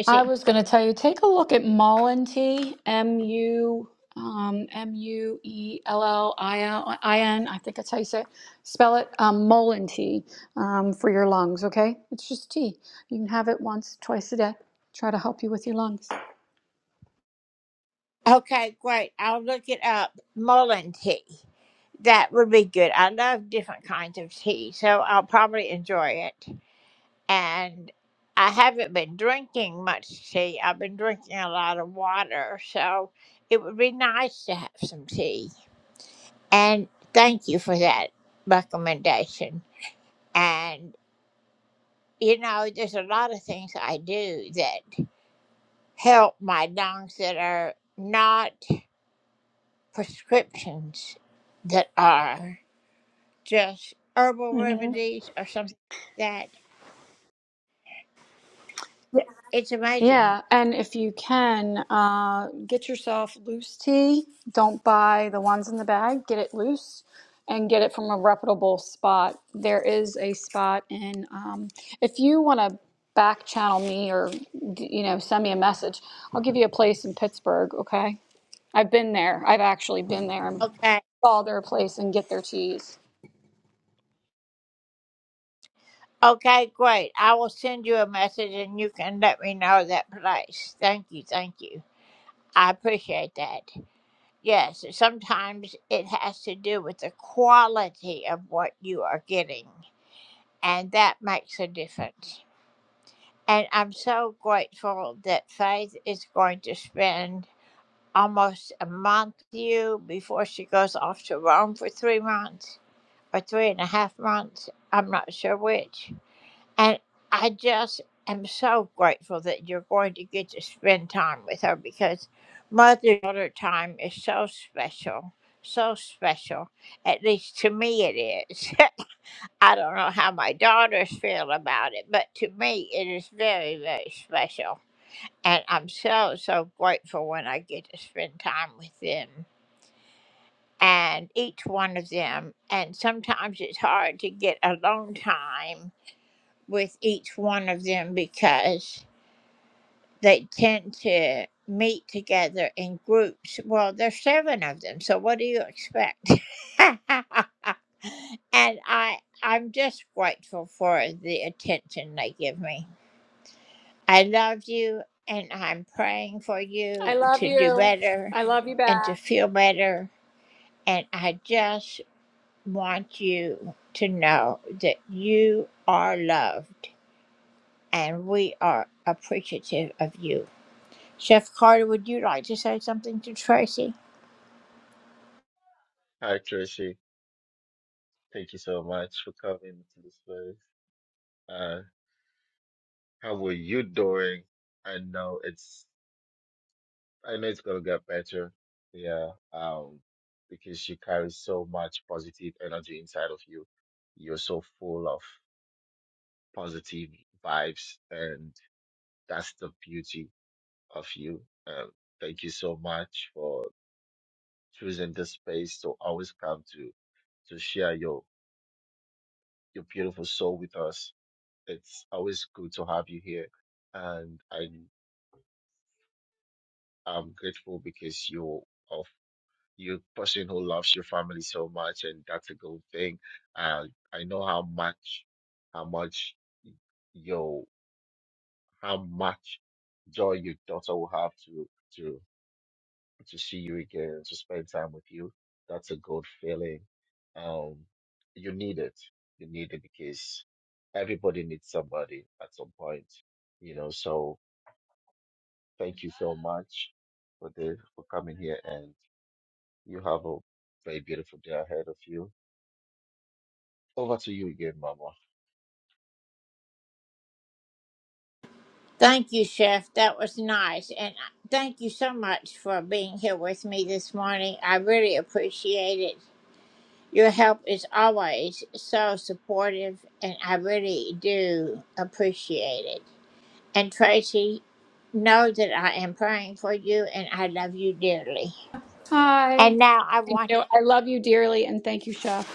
Speaker 17: I was going to tell you, take a look at Mullen T, M U um, M U E L L I L I N. I think that's how you say it. Spell it um, Mullen tea um, for your lungs. Okay, it's just tea. You can have it once, twice a day. Try to help you with your lungs. Mhm. Yeah, and if you can, uh, get yourself loose tea. Don't buy the ones in the bag. Get it loose and get it from a reputable spot. There is a spot in, um, if you want to back channel me or, d- you know, send me a message, I'll give you a place in Pittsburgh, okay? I've been there. I've actually been there and call their place and get their teas. I love you. I love you back.
Speaker 5: Hi, Tracy. Thank you so much for coming to this place. Uh, how were you doing? I know it's I know it's gonna get better. Yeah. Um, because you carry so much positive energy inside of you. You're so full of positive vibes, and that's the beauty of you. Um, thank you so much for choosing this space to always come to to share your your beautiful soul with us. It's always good to have you here, and I'm I'm grateful because you're a You're a person who loves your family so much, and that's a good thing. Uh, I know how much, how much your, how much joy your daughter will have to to to see you again, to spend time with you. That's a good feeling. Um, you need it. You need it because everybody needs somebody at some point, you know. So thank you so much for the for coming here, and you have a very beautiful day ahead of you Over to you again, Mama.
Speaker 17: Hi. Thank you. I love you dearly and thank you, Chef.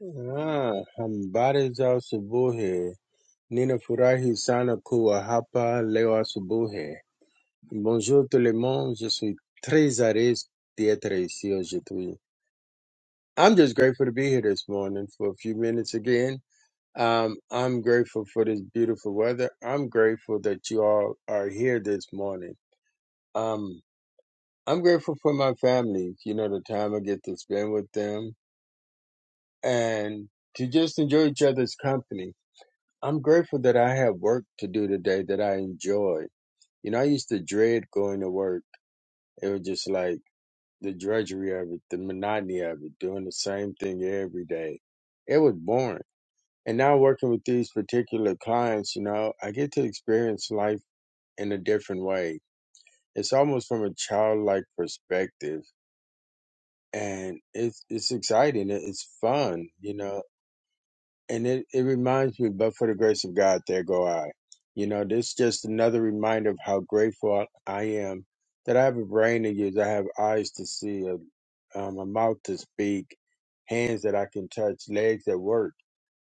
Speaker 18: Ah, habari za asubuhi. Ninafurahi sana kuwa hapa leo asubuhi. Bonjour tout le monde. Je suis très à l'aise d'être ici aujourd'hui. I'm just grateful to be here this morning for a few minutes again. Um, I'm grateful for this beautiful weather. I'm grateful that you all are here this morning. Um, I'm grateful for my family, you know, the time I get to spend with them and to just enjoy each other's company I'm grateful that I have work to do today that I enjoy. You know, I used to dread going to work. It was just like the drudgery of it, the monotony of it, doing the same thing every day. It was boring. And now working with these particular clients, you know, I get to experience life in a different way. It's almost from a childlike perspective. And it's it's exciting. It- It's fun, you know and it, it reminds me, but for the grace of God, there go I. You know, this is just another reminder of how grateful I am that I have a brain to use, I have eyes to see, a, um, a mouth to speak, hands that I can touch, legs that work.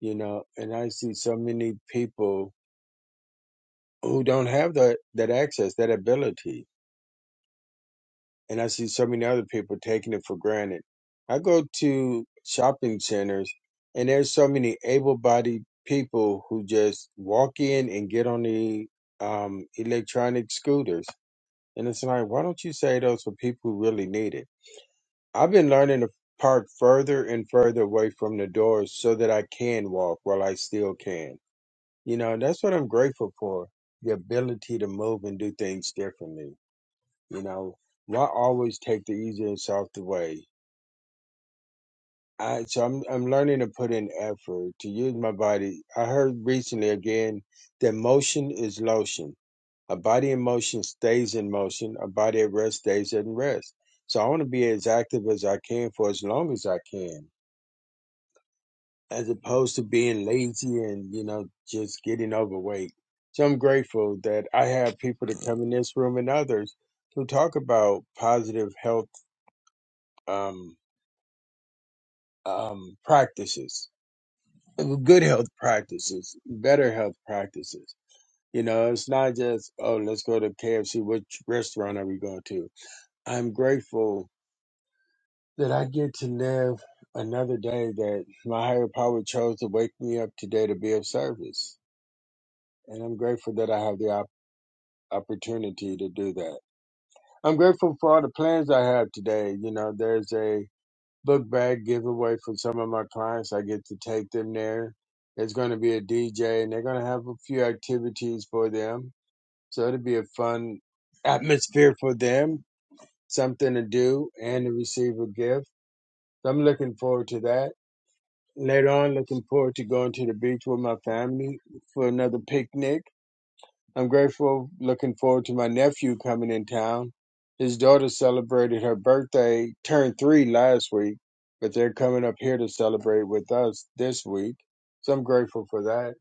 Speaker 18: You know, and I see so many people who don't have that that access, that ability and I see so many other people taking it for granted. I go to shopping centers, and there's so many able-bodied people who just walk in and get on the um, electronic scooters, and it's like, why don't you say those for people who really need it? I've been learning to park further and further away from the doors so that I can walk while I still can. You know, that's what I'm grateful for—the ability to move and do things differently. You know, why always take the easy and soft way? I so I'm I'm learning to put in effort to use my body. I heard recently again that motion is lotion. A body in motion stays in motion. A body at rest stays at rest. So I want to be as active as I can for as long as I can, as opposed to being lazy and you know just getting overweight. So I'm grateful that I have people that come in this room and others who talk about positive health. Um, um, practices, good health practices, better health practices. You know, it's not just, oh, let's go to KFC. Which restaurant are we going to? I'm grateful that I get to live another day that my higher power chose to wake me up today to be of service. And I'm grateful that I have the op- opportunity to do that. I'm grateful for all the plans I have today. You know, there's a book bag giveaway from some of my clients. I get to take them there. There's going to be a DJ and they're going to have a few activities for them. So it'll be a fun atmosphere for them, something to do and to receive a gift. So I'm looking forward to that. Later on, looking forward to going to the beach with my family for another picnic I'm grateful, looking forward to my nephew coming in town. His daughter celebrated her birthday, turned three last week, but they're coming up here to celebrate with us this week. So I'm grateful for that.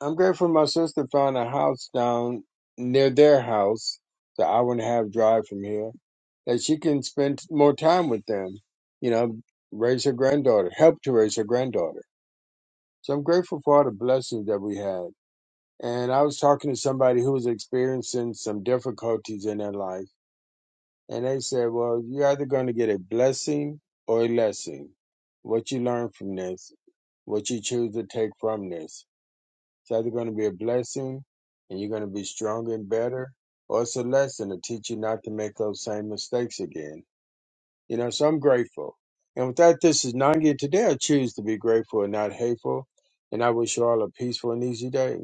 Speaker 18: I'm grateful my sister found a house down near their house, the hour and a half drive from here, that she can spend more time with them, you know, raise her granddaughter, help to raise her granddaughter. So I'm grateful for all the blessings that we have. And I was talking to somebody who was experiencing some difficulties in their life. And they said, Well, you're either going to get a blessing or a lesson. What you learn from this, what you choose to take from this. It's either going to be a blessing and you're going to be stronger and better, or it's a lesson to teach you not to make those same mistakes again. You know, so I'm grateful. And with that, this is Nangi. Today I choose to be grateful and not hateful. And I wish you all a peaceful and easy day.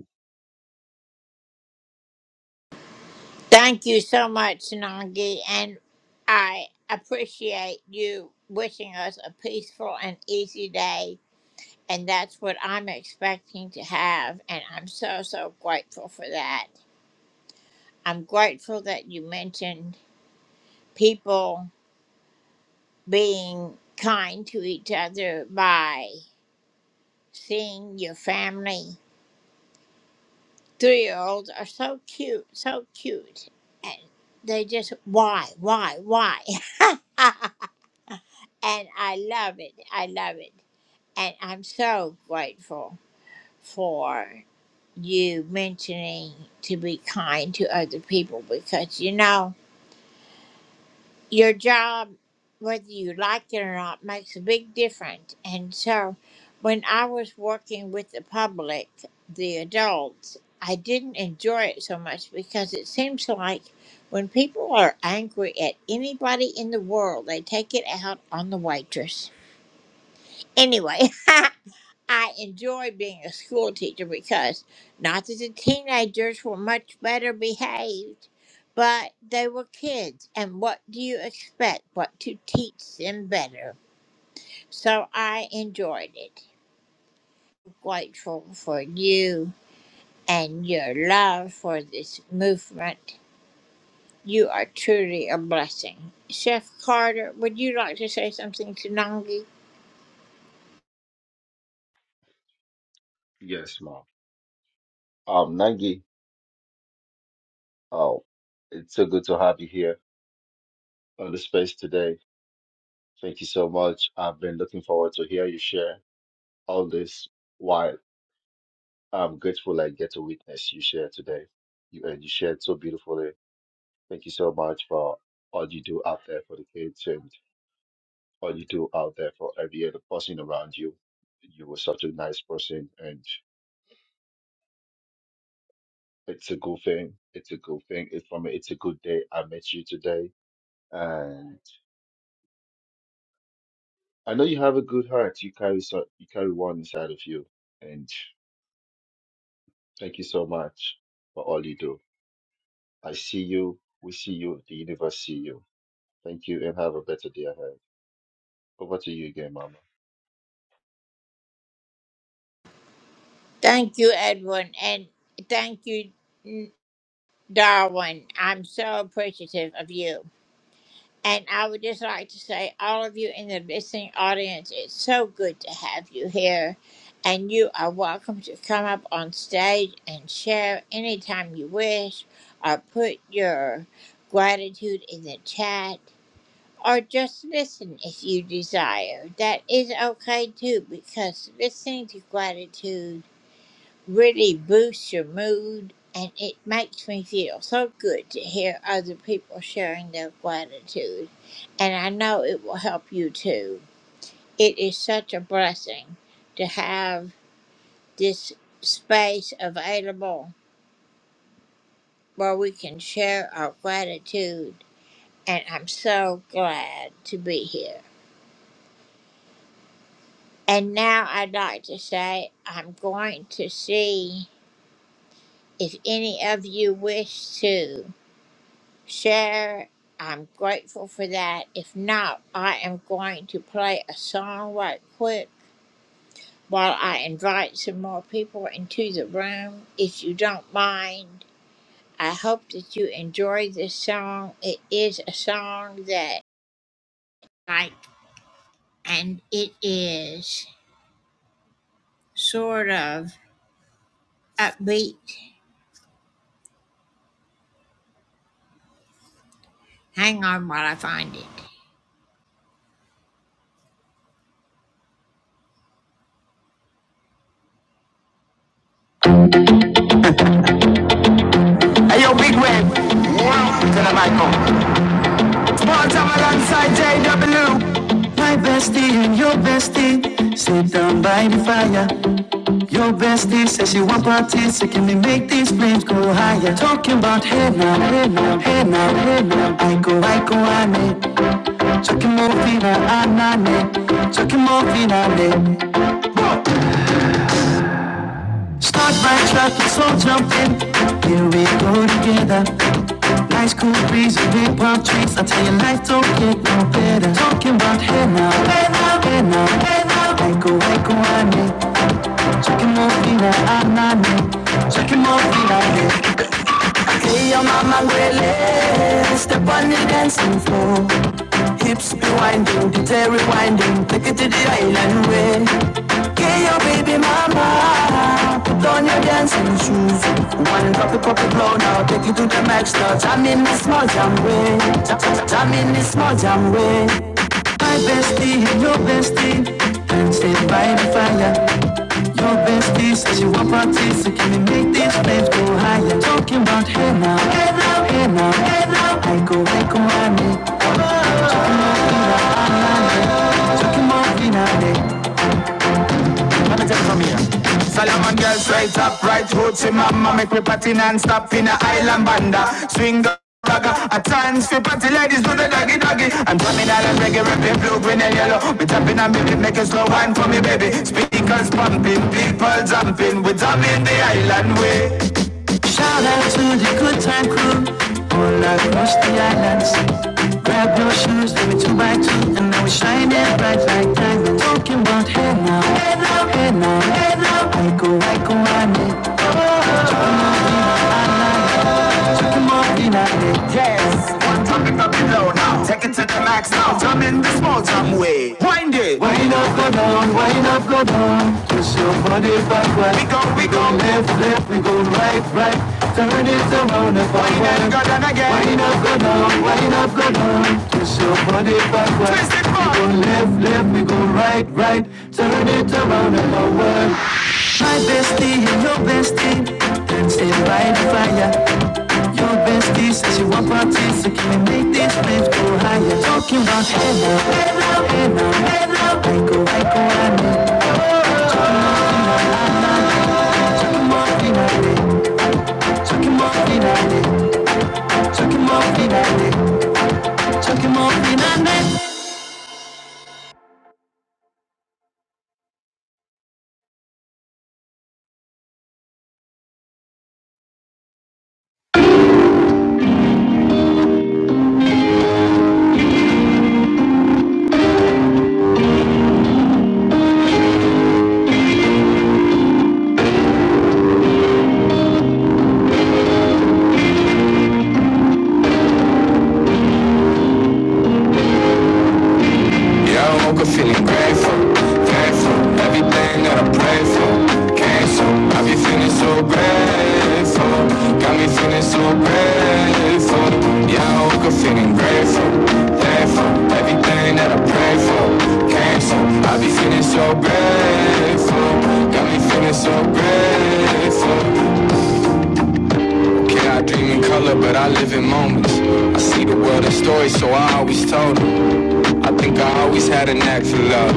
Speaker 5: Yes, Mom. Um, Nangi, oh, it's so good to have you here on the space today. Thank you so much. I've been looking forward to hear you share all this while I'm grateful I get to witness you share today. You and you shared so beautifully. Thank you so much for all you do out there for the kids and all you do out there for every other person around you. You were such a nice person and it's a good thing. It's a good thing. It's for me. it's a good day. I met you today And I know you have a good heart. You carry so you carry one inside of you. And thank you so much for all you do. I see you. We see you. The universe see you. Thank you, and have a better day ahead. Over to you again, Mama.
Speaker 1: yo, Big Wave. To the mic Small time alongside JW. My bestie and your bestie sit down by the fire. Your bestie says she want parties, so can we make these flames go higher? Talking about hey now, hey now, hey now, hey now. I go, I go, I may. Çok morfina anane, çok morfina ne. Start my truck, let's all jump in. Here we go together. Nice cool breeze and big palm trees. I tell you, life don't get no better. Talking about hey now, hey now, hey now, hey now. Echo, echo, ane. Çok morfina anane, çok morfina ne. See your mama Gwele, step on the dancing floor. Hips be winding, detail rewinding, take it to the island way. Get your baby mama, put on your dancing shoes. One drop it, pop it low now, take it to the max now. Jam in the small jam way, jam, jam, in the small jam way. My bestie and your bestie, dancing by the fire. Your bestie says she want parties, so can we make these flames go higher? Talking about hey now, hey now, hey now, hey now. I go, I go, I need. Talking about finale, talking about finale. Let me take it from here. Solomon girls right up, right roots in mama. Make me party non-stop in a island banda. Swing the Ragga, a dance for party ladies do the doggy doggy. I'm drumming all and reggae, rapping blue, green and yellow. We tapping and baby, making slow wine for me, baby. Speakers pumping, people jumping. We drumming the island way. Shout out to the good time crew all across the island sea. Grab your shoes, let me two by two, and now we shine it bright like diamond. Talking about hey now, hey now, hey now, hey now. I go, I go, I need. Oh, oh, oh, oh, oh, oh, oh, oh. Yes. One time it up below now. Take it to the max now. Jump in the small jump way. Wind it. Wind up, go down, wind up, go down. Twist your body backward. We go, we Go left, left, we go right, right. Turn it around and forward. Wind up, go down again. Wind up, go down, wind up, go down. Twist your body backward. Twist it back. We go left, left, we go right, right. Turn it around and forward. My bestie and your bestie Stay by the fire Your bestie says you want parties So can we make this place go higher Talking about hey now, hey now, hey now, hey now I go, I go, I know Chuck him off, Chuck him off, Chuck him off, Chuck him off, Yeah, I woke up feeling grateful, grateful. Everything that I prayed for came so. I be feeling so grateful, got me feeling so grateful. Yeah, I woke up feeling grateful, grateful. Everything that I prayed for came so. I be feeling so grateful, got me feeling so grateful. Okay, I dream in color, but I live in moments. I see the world in stories, so I always told 'em. I think I always had a knack for love.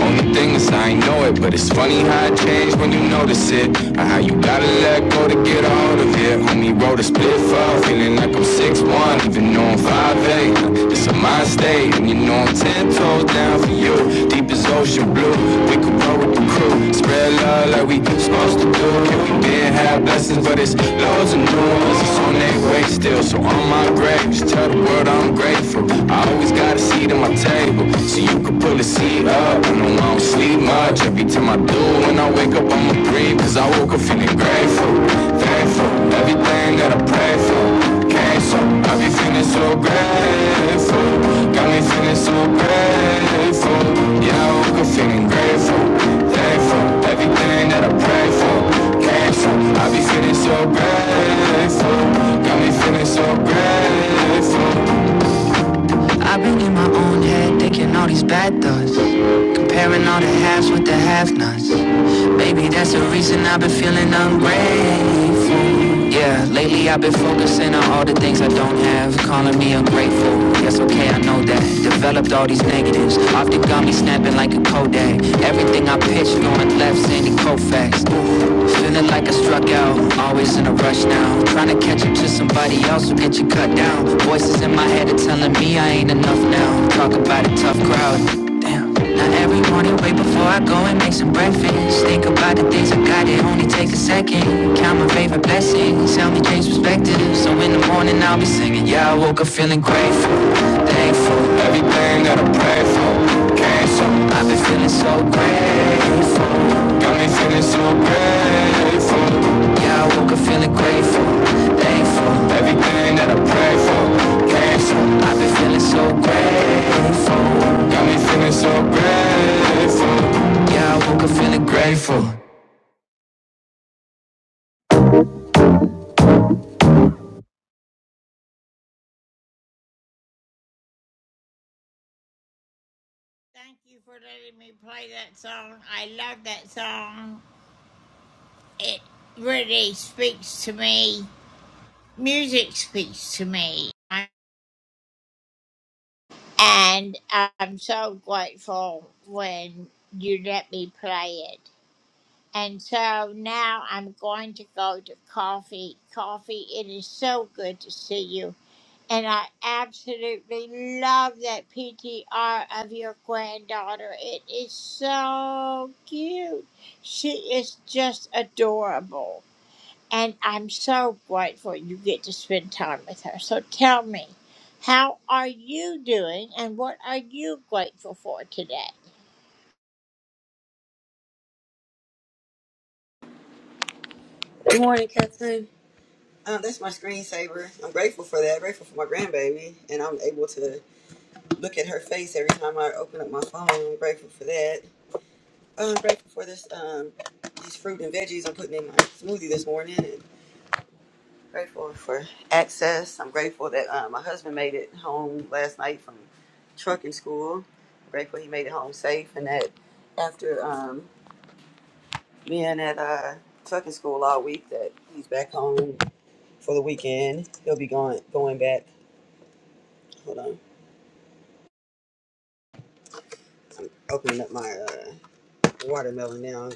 Speaker 1: Only thing is I ain't know it, but it's funny how it changed when you notice it. Or how you gotta let go to get a hold of it. Homie wrote a split file, feeling like I'm six one, even though I'm five eight. It's a mind state, and you know I'm 10 toes down for you. Deep as ocean blue, we could roll with the crew. Spread love like we supposed to do. Can we been have blessings, but it's loads of new ones. It's on their way still, so on my grave, just tell the world I'm grateful. I always gotta see them, I tell table. So you can pull the seat up. I know I don't sleep much. Every time I do, when I wake up, I'ma breathe. Cause I woke up feeling grateful, thankful. Everything that I pray for came so. I be feeling so grateful. Got me feeling so grateful. Yeah, I woke up feeling grateful, thankful. Everything that I pray for came so. I be feeling so grateful. Got me feeling so grateful. I've been in my own head thinking all these bad thoughts. Comparing all the halves with the have nots. Baby, that's the reason I've been feeling ungrateful. Yeah, lately I've been focusing on all the things I don't have. Calling me ungrateful. Yes, okay, I know that. Developed all these negatives. Often got me snapping like a Kodak. Everything I pitch going left, Sandy Koufax. Feeling like I struck out. Always in a rush now. Trying to catch up to somebody else who get you cut down. Voices in my head are telling me I ain't enough now. Talk about a tough crowd. Damn am. Now every morning, wait before I go and make some breakfast. Think about the things I got, it only takes a second. Count my favorite blessings, help me change perspective. So in the morning, I'll be singing. Yeah, I woke up feeling grateful, thankful. Everything that I pray for came so. I've been feeling so grateful. Got me feeling so grateful. Yeah, I woke up feeling grateful, thankful. Everything that I prayed for came through. I've been feeling so grateful. Got me feeling so grateful. Yeah, I woke up feeling grateful.
Speaker 19: Good morning, Catherine. Uh, that's my screensaver. I'm grateful for that. grateful for my grandbaby, and I'm able to look at her face every time I open up my phone. I'm grateful for that. Uh, I'm grateful for this um, these fruit and veggies I'm putting in my smoothie this morning. And grateful for access. I'm grateful that uh, my husband made it home last night from trucking school. grateful he made it home safe, and that after um, being at uh, trucking school all week, that he's back home for the weekend. He'll be going going back. Hold on, I'm opening up my uh, watermelon now.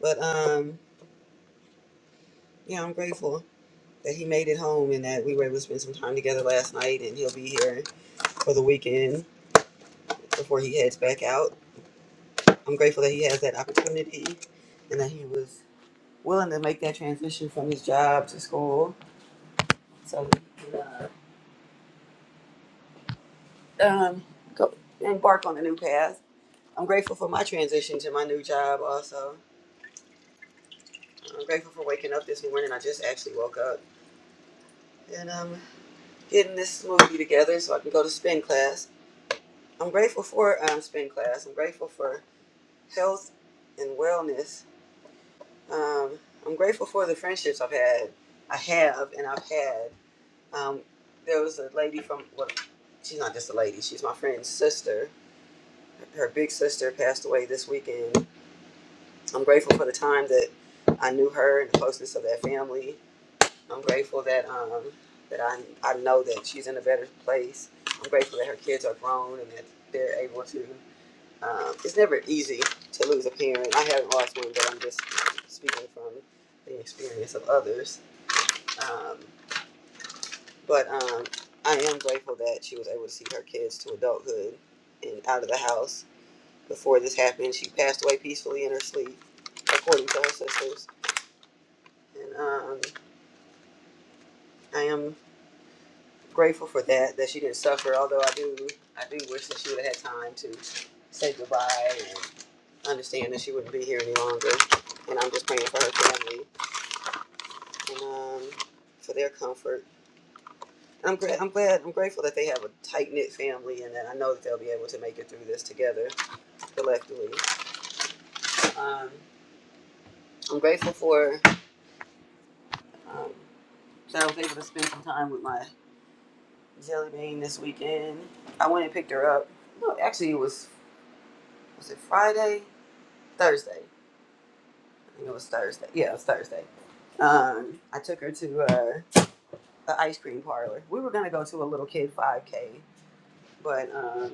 Speaker 19: But um, yeah, I'm grateful that he made it home and that we were able to spend some time together last night. And he'll be here for the weekend before he heads back out. I'm grateful that he has that opportunity and that he was willing to make that transition from his job to school so he can uh, um, go embark on a new path. I'm grateful for my transition to my new job also I'm grateful for waking up this morning. I just actually woke up and I'm getting this smoothie together so I can go to spin class. I'm grateful for um, spin class. I'm grateful for health and wellness. Um, I'm grateful for the friendships I've had, I have, and I've had. Um, there was a lady from, well, she's not just a lady, she's my friend's sister. Her big sister passed away this weekend. I'm grateful for the time that I knew her and the closeness of that family. I'm grateful that um that I I know that she's in a better place. I'm grateful that her kids are grown and that they're able to. Um, it's never easy to lose a parent. I haven't lost one, but I'm just speaking from the experience of others. Um, but um, I am grateful that she was able to see her kids to adulthood and out of the house before this happened. She passed away peacefully in her sleep, according to her sisters. And um, I am grateful for that that she didn't suffer. Although I do I do wish that she would have had time to say goodbye and understand that she wouldn't be here any longer. And I'm just praying for her family and um, for their comfort. And I'm glad, I'm glad, I'm grateful that they have a tight knit family, and that I know that they'll be able to make it through this together collectively. Um, I'm grateful for um, that I was able to spend some time with my jelly bean this weekend. I went and picked her up. No, actually, it was was it Friday, Thursday. I think it was Thursday. Yeah, it was Thursday. Um, I took her to uh, the ice cream parlor. We were gonna go to a little kid 5K, but um,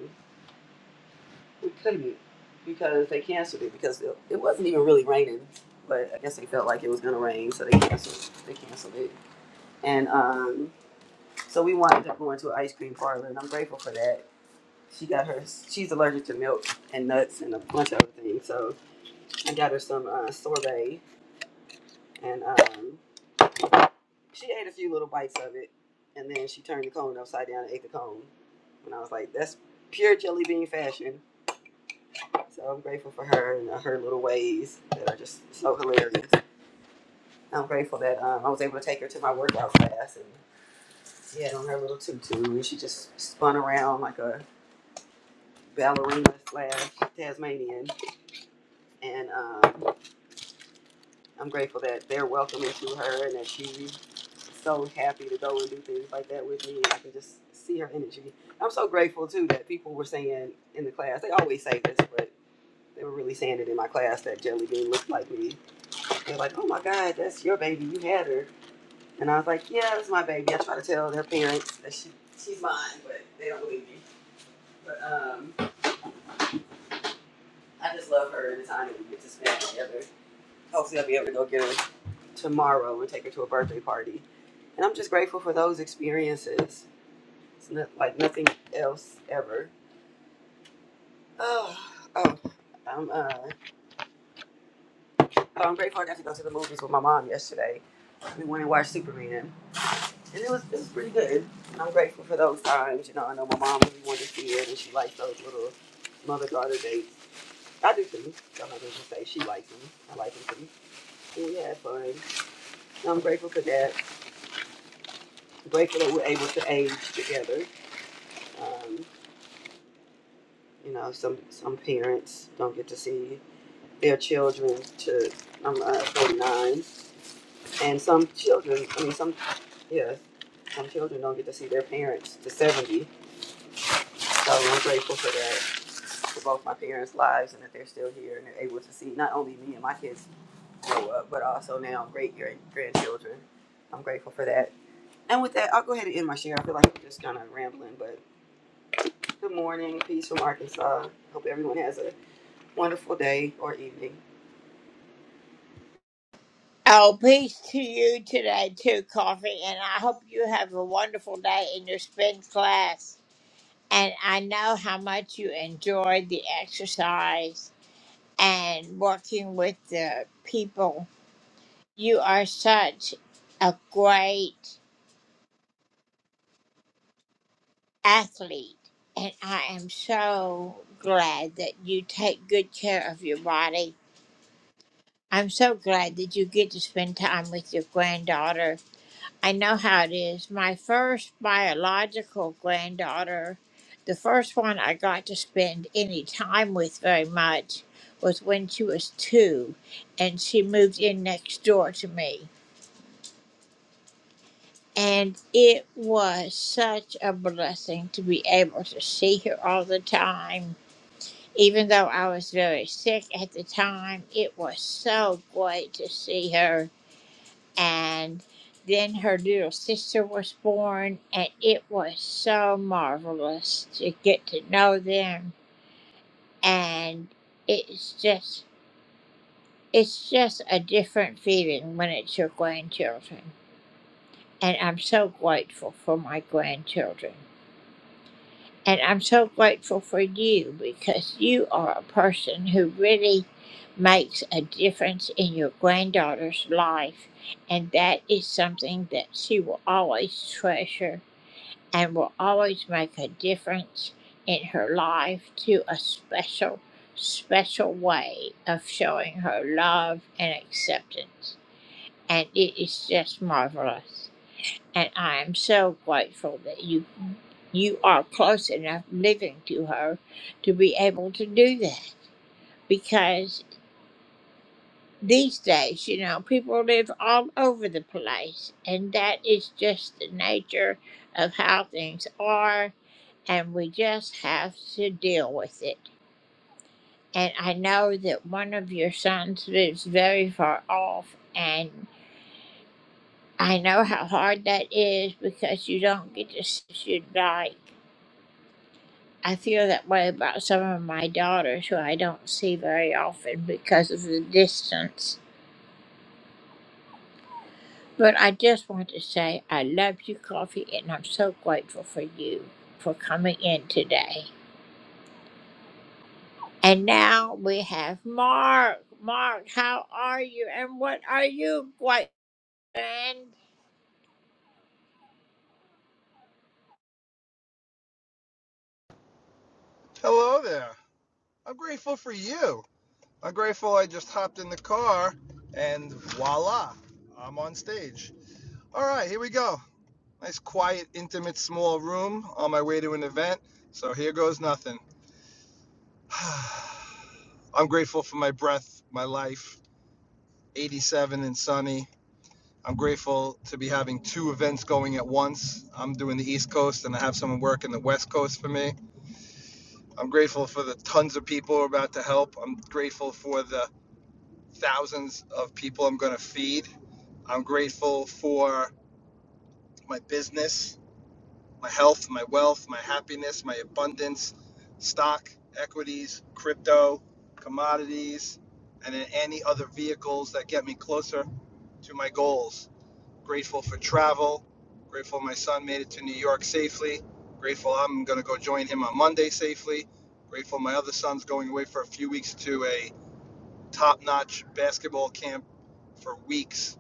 Speaker 19: we couldn't because they canceled it because it, it wasn't even really raining. But I guess they felt like it was gonna rain, so they canceled. They canceled it, and um, so we wound up going to an ice cream parlor, and I'm grateful for that. She got her. She's allergic to milk and nuts and a bunch of other things, so I got her some uh, sorbet and um, She ate a few little bites of it, and then she turned the cone upside down and ate the cone. And I was like, that's pure jelly bean fashion. So I'm grateful for her and uh, her little ways that are just so hilarious. I'm grateful that um, I was able to take her to my workout class, and she had on her little tutu, and she just spun around like a ballerina slash Tasmanian, and um, I'm grateful that they're welcoming to her and that she's so happy to go and do things like that with me. And I can just see her energy. I'm so grateful too that people were saying in the class, they always say this, but they were really saying it in my class that Jelly Bean looked like me. They're like, oh my God, that's your baby. You had her. And I was like, yeah, that's my baby. I try to tell their parents that she, she's mine, but they don't believe me. But um, I just love her and the time that we get to spend together. Hopefully, I'll be able to go get her tomorrow and take her to a birthday party And I'm just grateful for those experiences. It's not, like nothing else ever. Oh, oh, I'm, uh, oh, I'm grateful I got to go to the movies with my mom yesterday. We went and watched Superman, and it was it was pretty good. And I'm grateful for those times. You know, I know my mom really wanted to see it, and she likes those little mother daughter dates. I do too. I'm not gonna just say she likes them. I like them too. And we had fun. And I'm grateful for that. Grateful that we're able to age together. Um, you know, some some parents don't get to see their children to I'm uh, 49, and some children, I mean, some, yeah, some children don't get to see their parents to 70. So I'm grateful for that, for both my parents' lives, and that they're still here and they're able to see not only me and my kids grow up, but also now great grand- grandchildren. I'm grateful for that. And with that, I'll go ahead and end my share. I feel like I'm just kind of rambling, but good morning, peace from Arkansas. Hope everyone has a wonderful day or evening.
Speaker 20: Hello there. I'm grateful for you. I'm grateful I just hopped in the car and voila, I'm on stage. All right, here we go. Nice, quiet, intimate, small room on my way to an event. So here goes nothing. I'm grateful for my breath, my life, 87 and sunny. I'm grateful to be having two events going at once. I'm doing the East Coast and I have someone working the West Coast for me. I'm grateful for the tons of people who are about to help. I'm grateful for the thousands of people I'm going to feed. I'm grateful for my business, my health, my wealth, my happiness, my abundance, stock, equities, crypto, commodities, and in any other vehicles that get me closer to my goals. Grateful for travel. Grateful my son made it to New York safely. Grateful I'm going to go join him on Monday safely. Grateful my other son's going away for a few weeks to a top notch basketball camp for weeks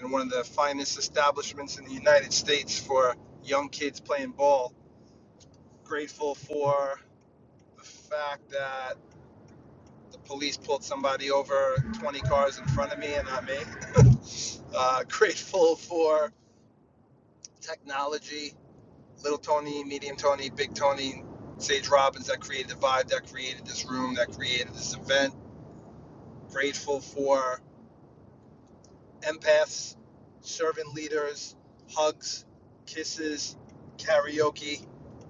Speaker 20: in one of the finest establishments in the United States for young kids playing ball. Grateful for the fact that the police pulled somebody over 20 cars in front of me and not me. Uh, grateful for technology, Little Tony, Medium Tony, Big Tony, Sage Robbins that created the vibe, that created this room, that created this event. Grateful for empaths, servant leaders, hugs, kisses, karaoke,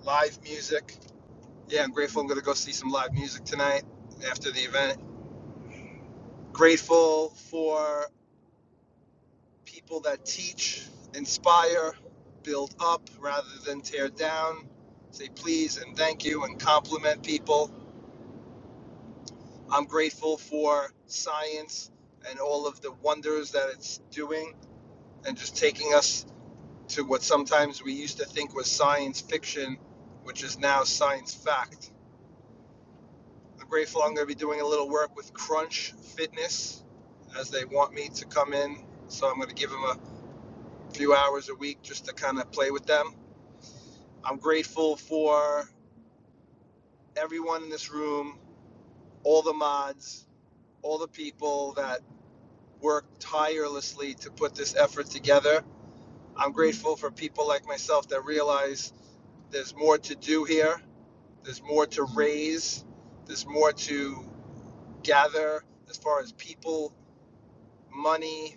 Speaker 20: live music. Yeah, I'm grateful. I'm going to go see some live music tonight after the event. Grateful for people that teach, inspire, build up rather than tear down. Say please and thank you and compliment people. I'm grateful for science and all of the wonders that it's doing and just taking us to what sometimes we used to think was science fiction, which is now science fact. I'm grateful I'm going to be doing a little work with Crunch Fitness as they want me to come in. So I'm going to give them a few hours a week just to kind of play with them. I'm grateful for everyone in this room, all the mods, all the people that work tirelessly to put this effort together. I'm grateful for people like myself that realize there's more to do here There's more to raise. There's more to gather as far as people, money,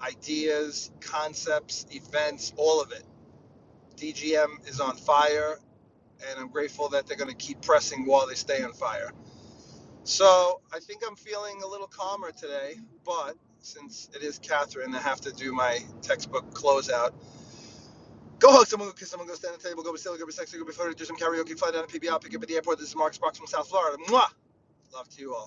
Speaker 20: ideas, concepts, events, all of it. DGM is on fire, and I'm grateful that they're going to keep pressing while they stay on fire. So I think I'm feeling a little calmer today, but since it is Catherine, I have to do my textbook closeout. Go hug someone, go kiss someone, go stand at the table, go be silly, go be sexy, go be flirty, do some karaoke, fly down to PBR, pick up at the airport. This is Mark Sparks from South Florida. Mwah! Love to you all.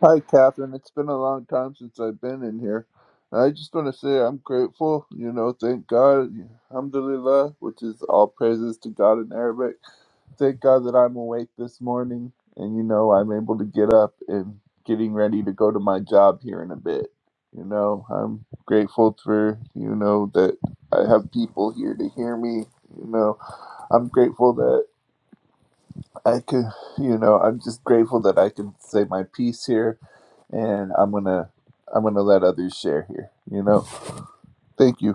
Speaker 21: Hi, Catherine. It's been a long time since I've been in here. I just want to say I'm grateful, you know, thank God, alhamdulillah, which is all praises to God in Arabic. Thank God that I'm awake this morning and, you know, I'm able to get up and getting ready to go to my job here in a bit. You know, I'm grateful for, you know, that I have people here to hear me, you know, I'm grateful that I could, you know, I'm just grateful that I can say my piece here and I'm gonna I'm gonna let others share here. You know, thank you.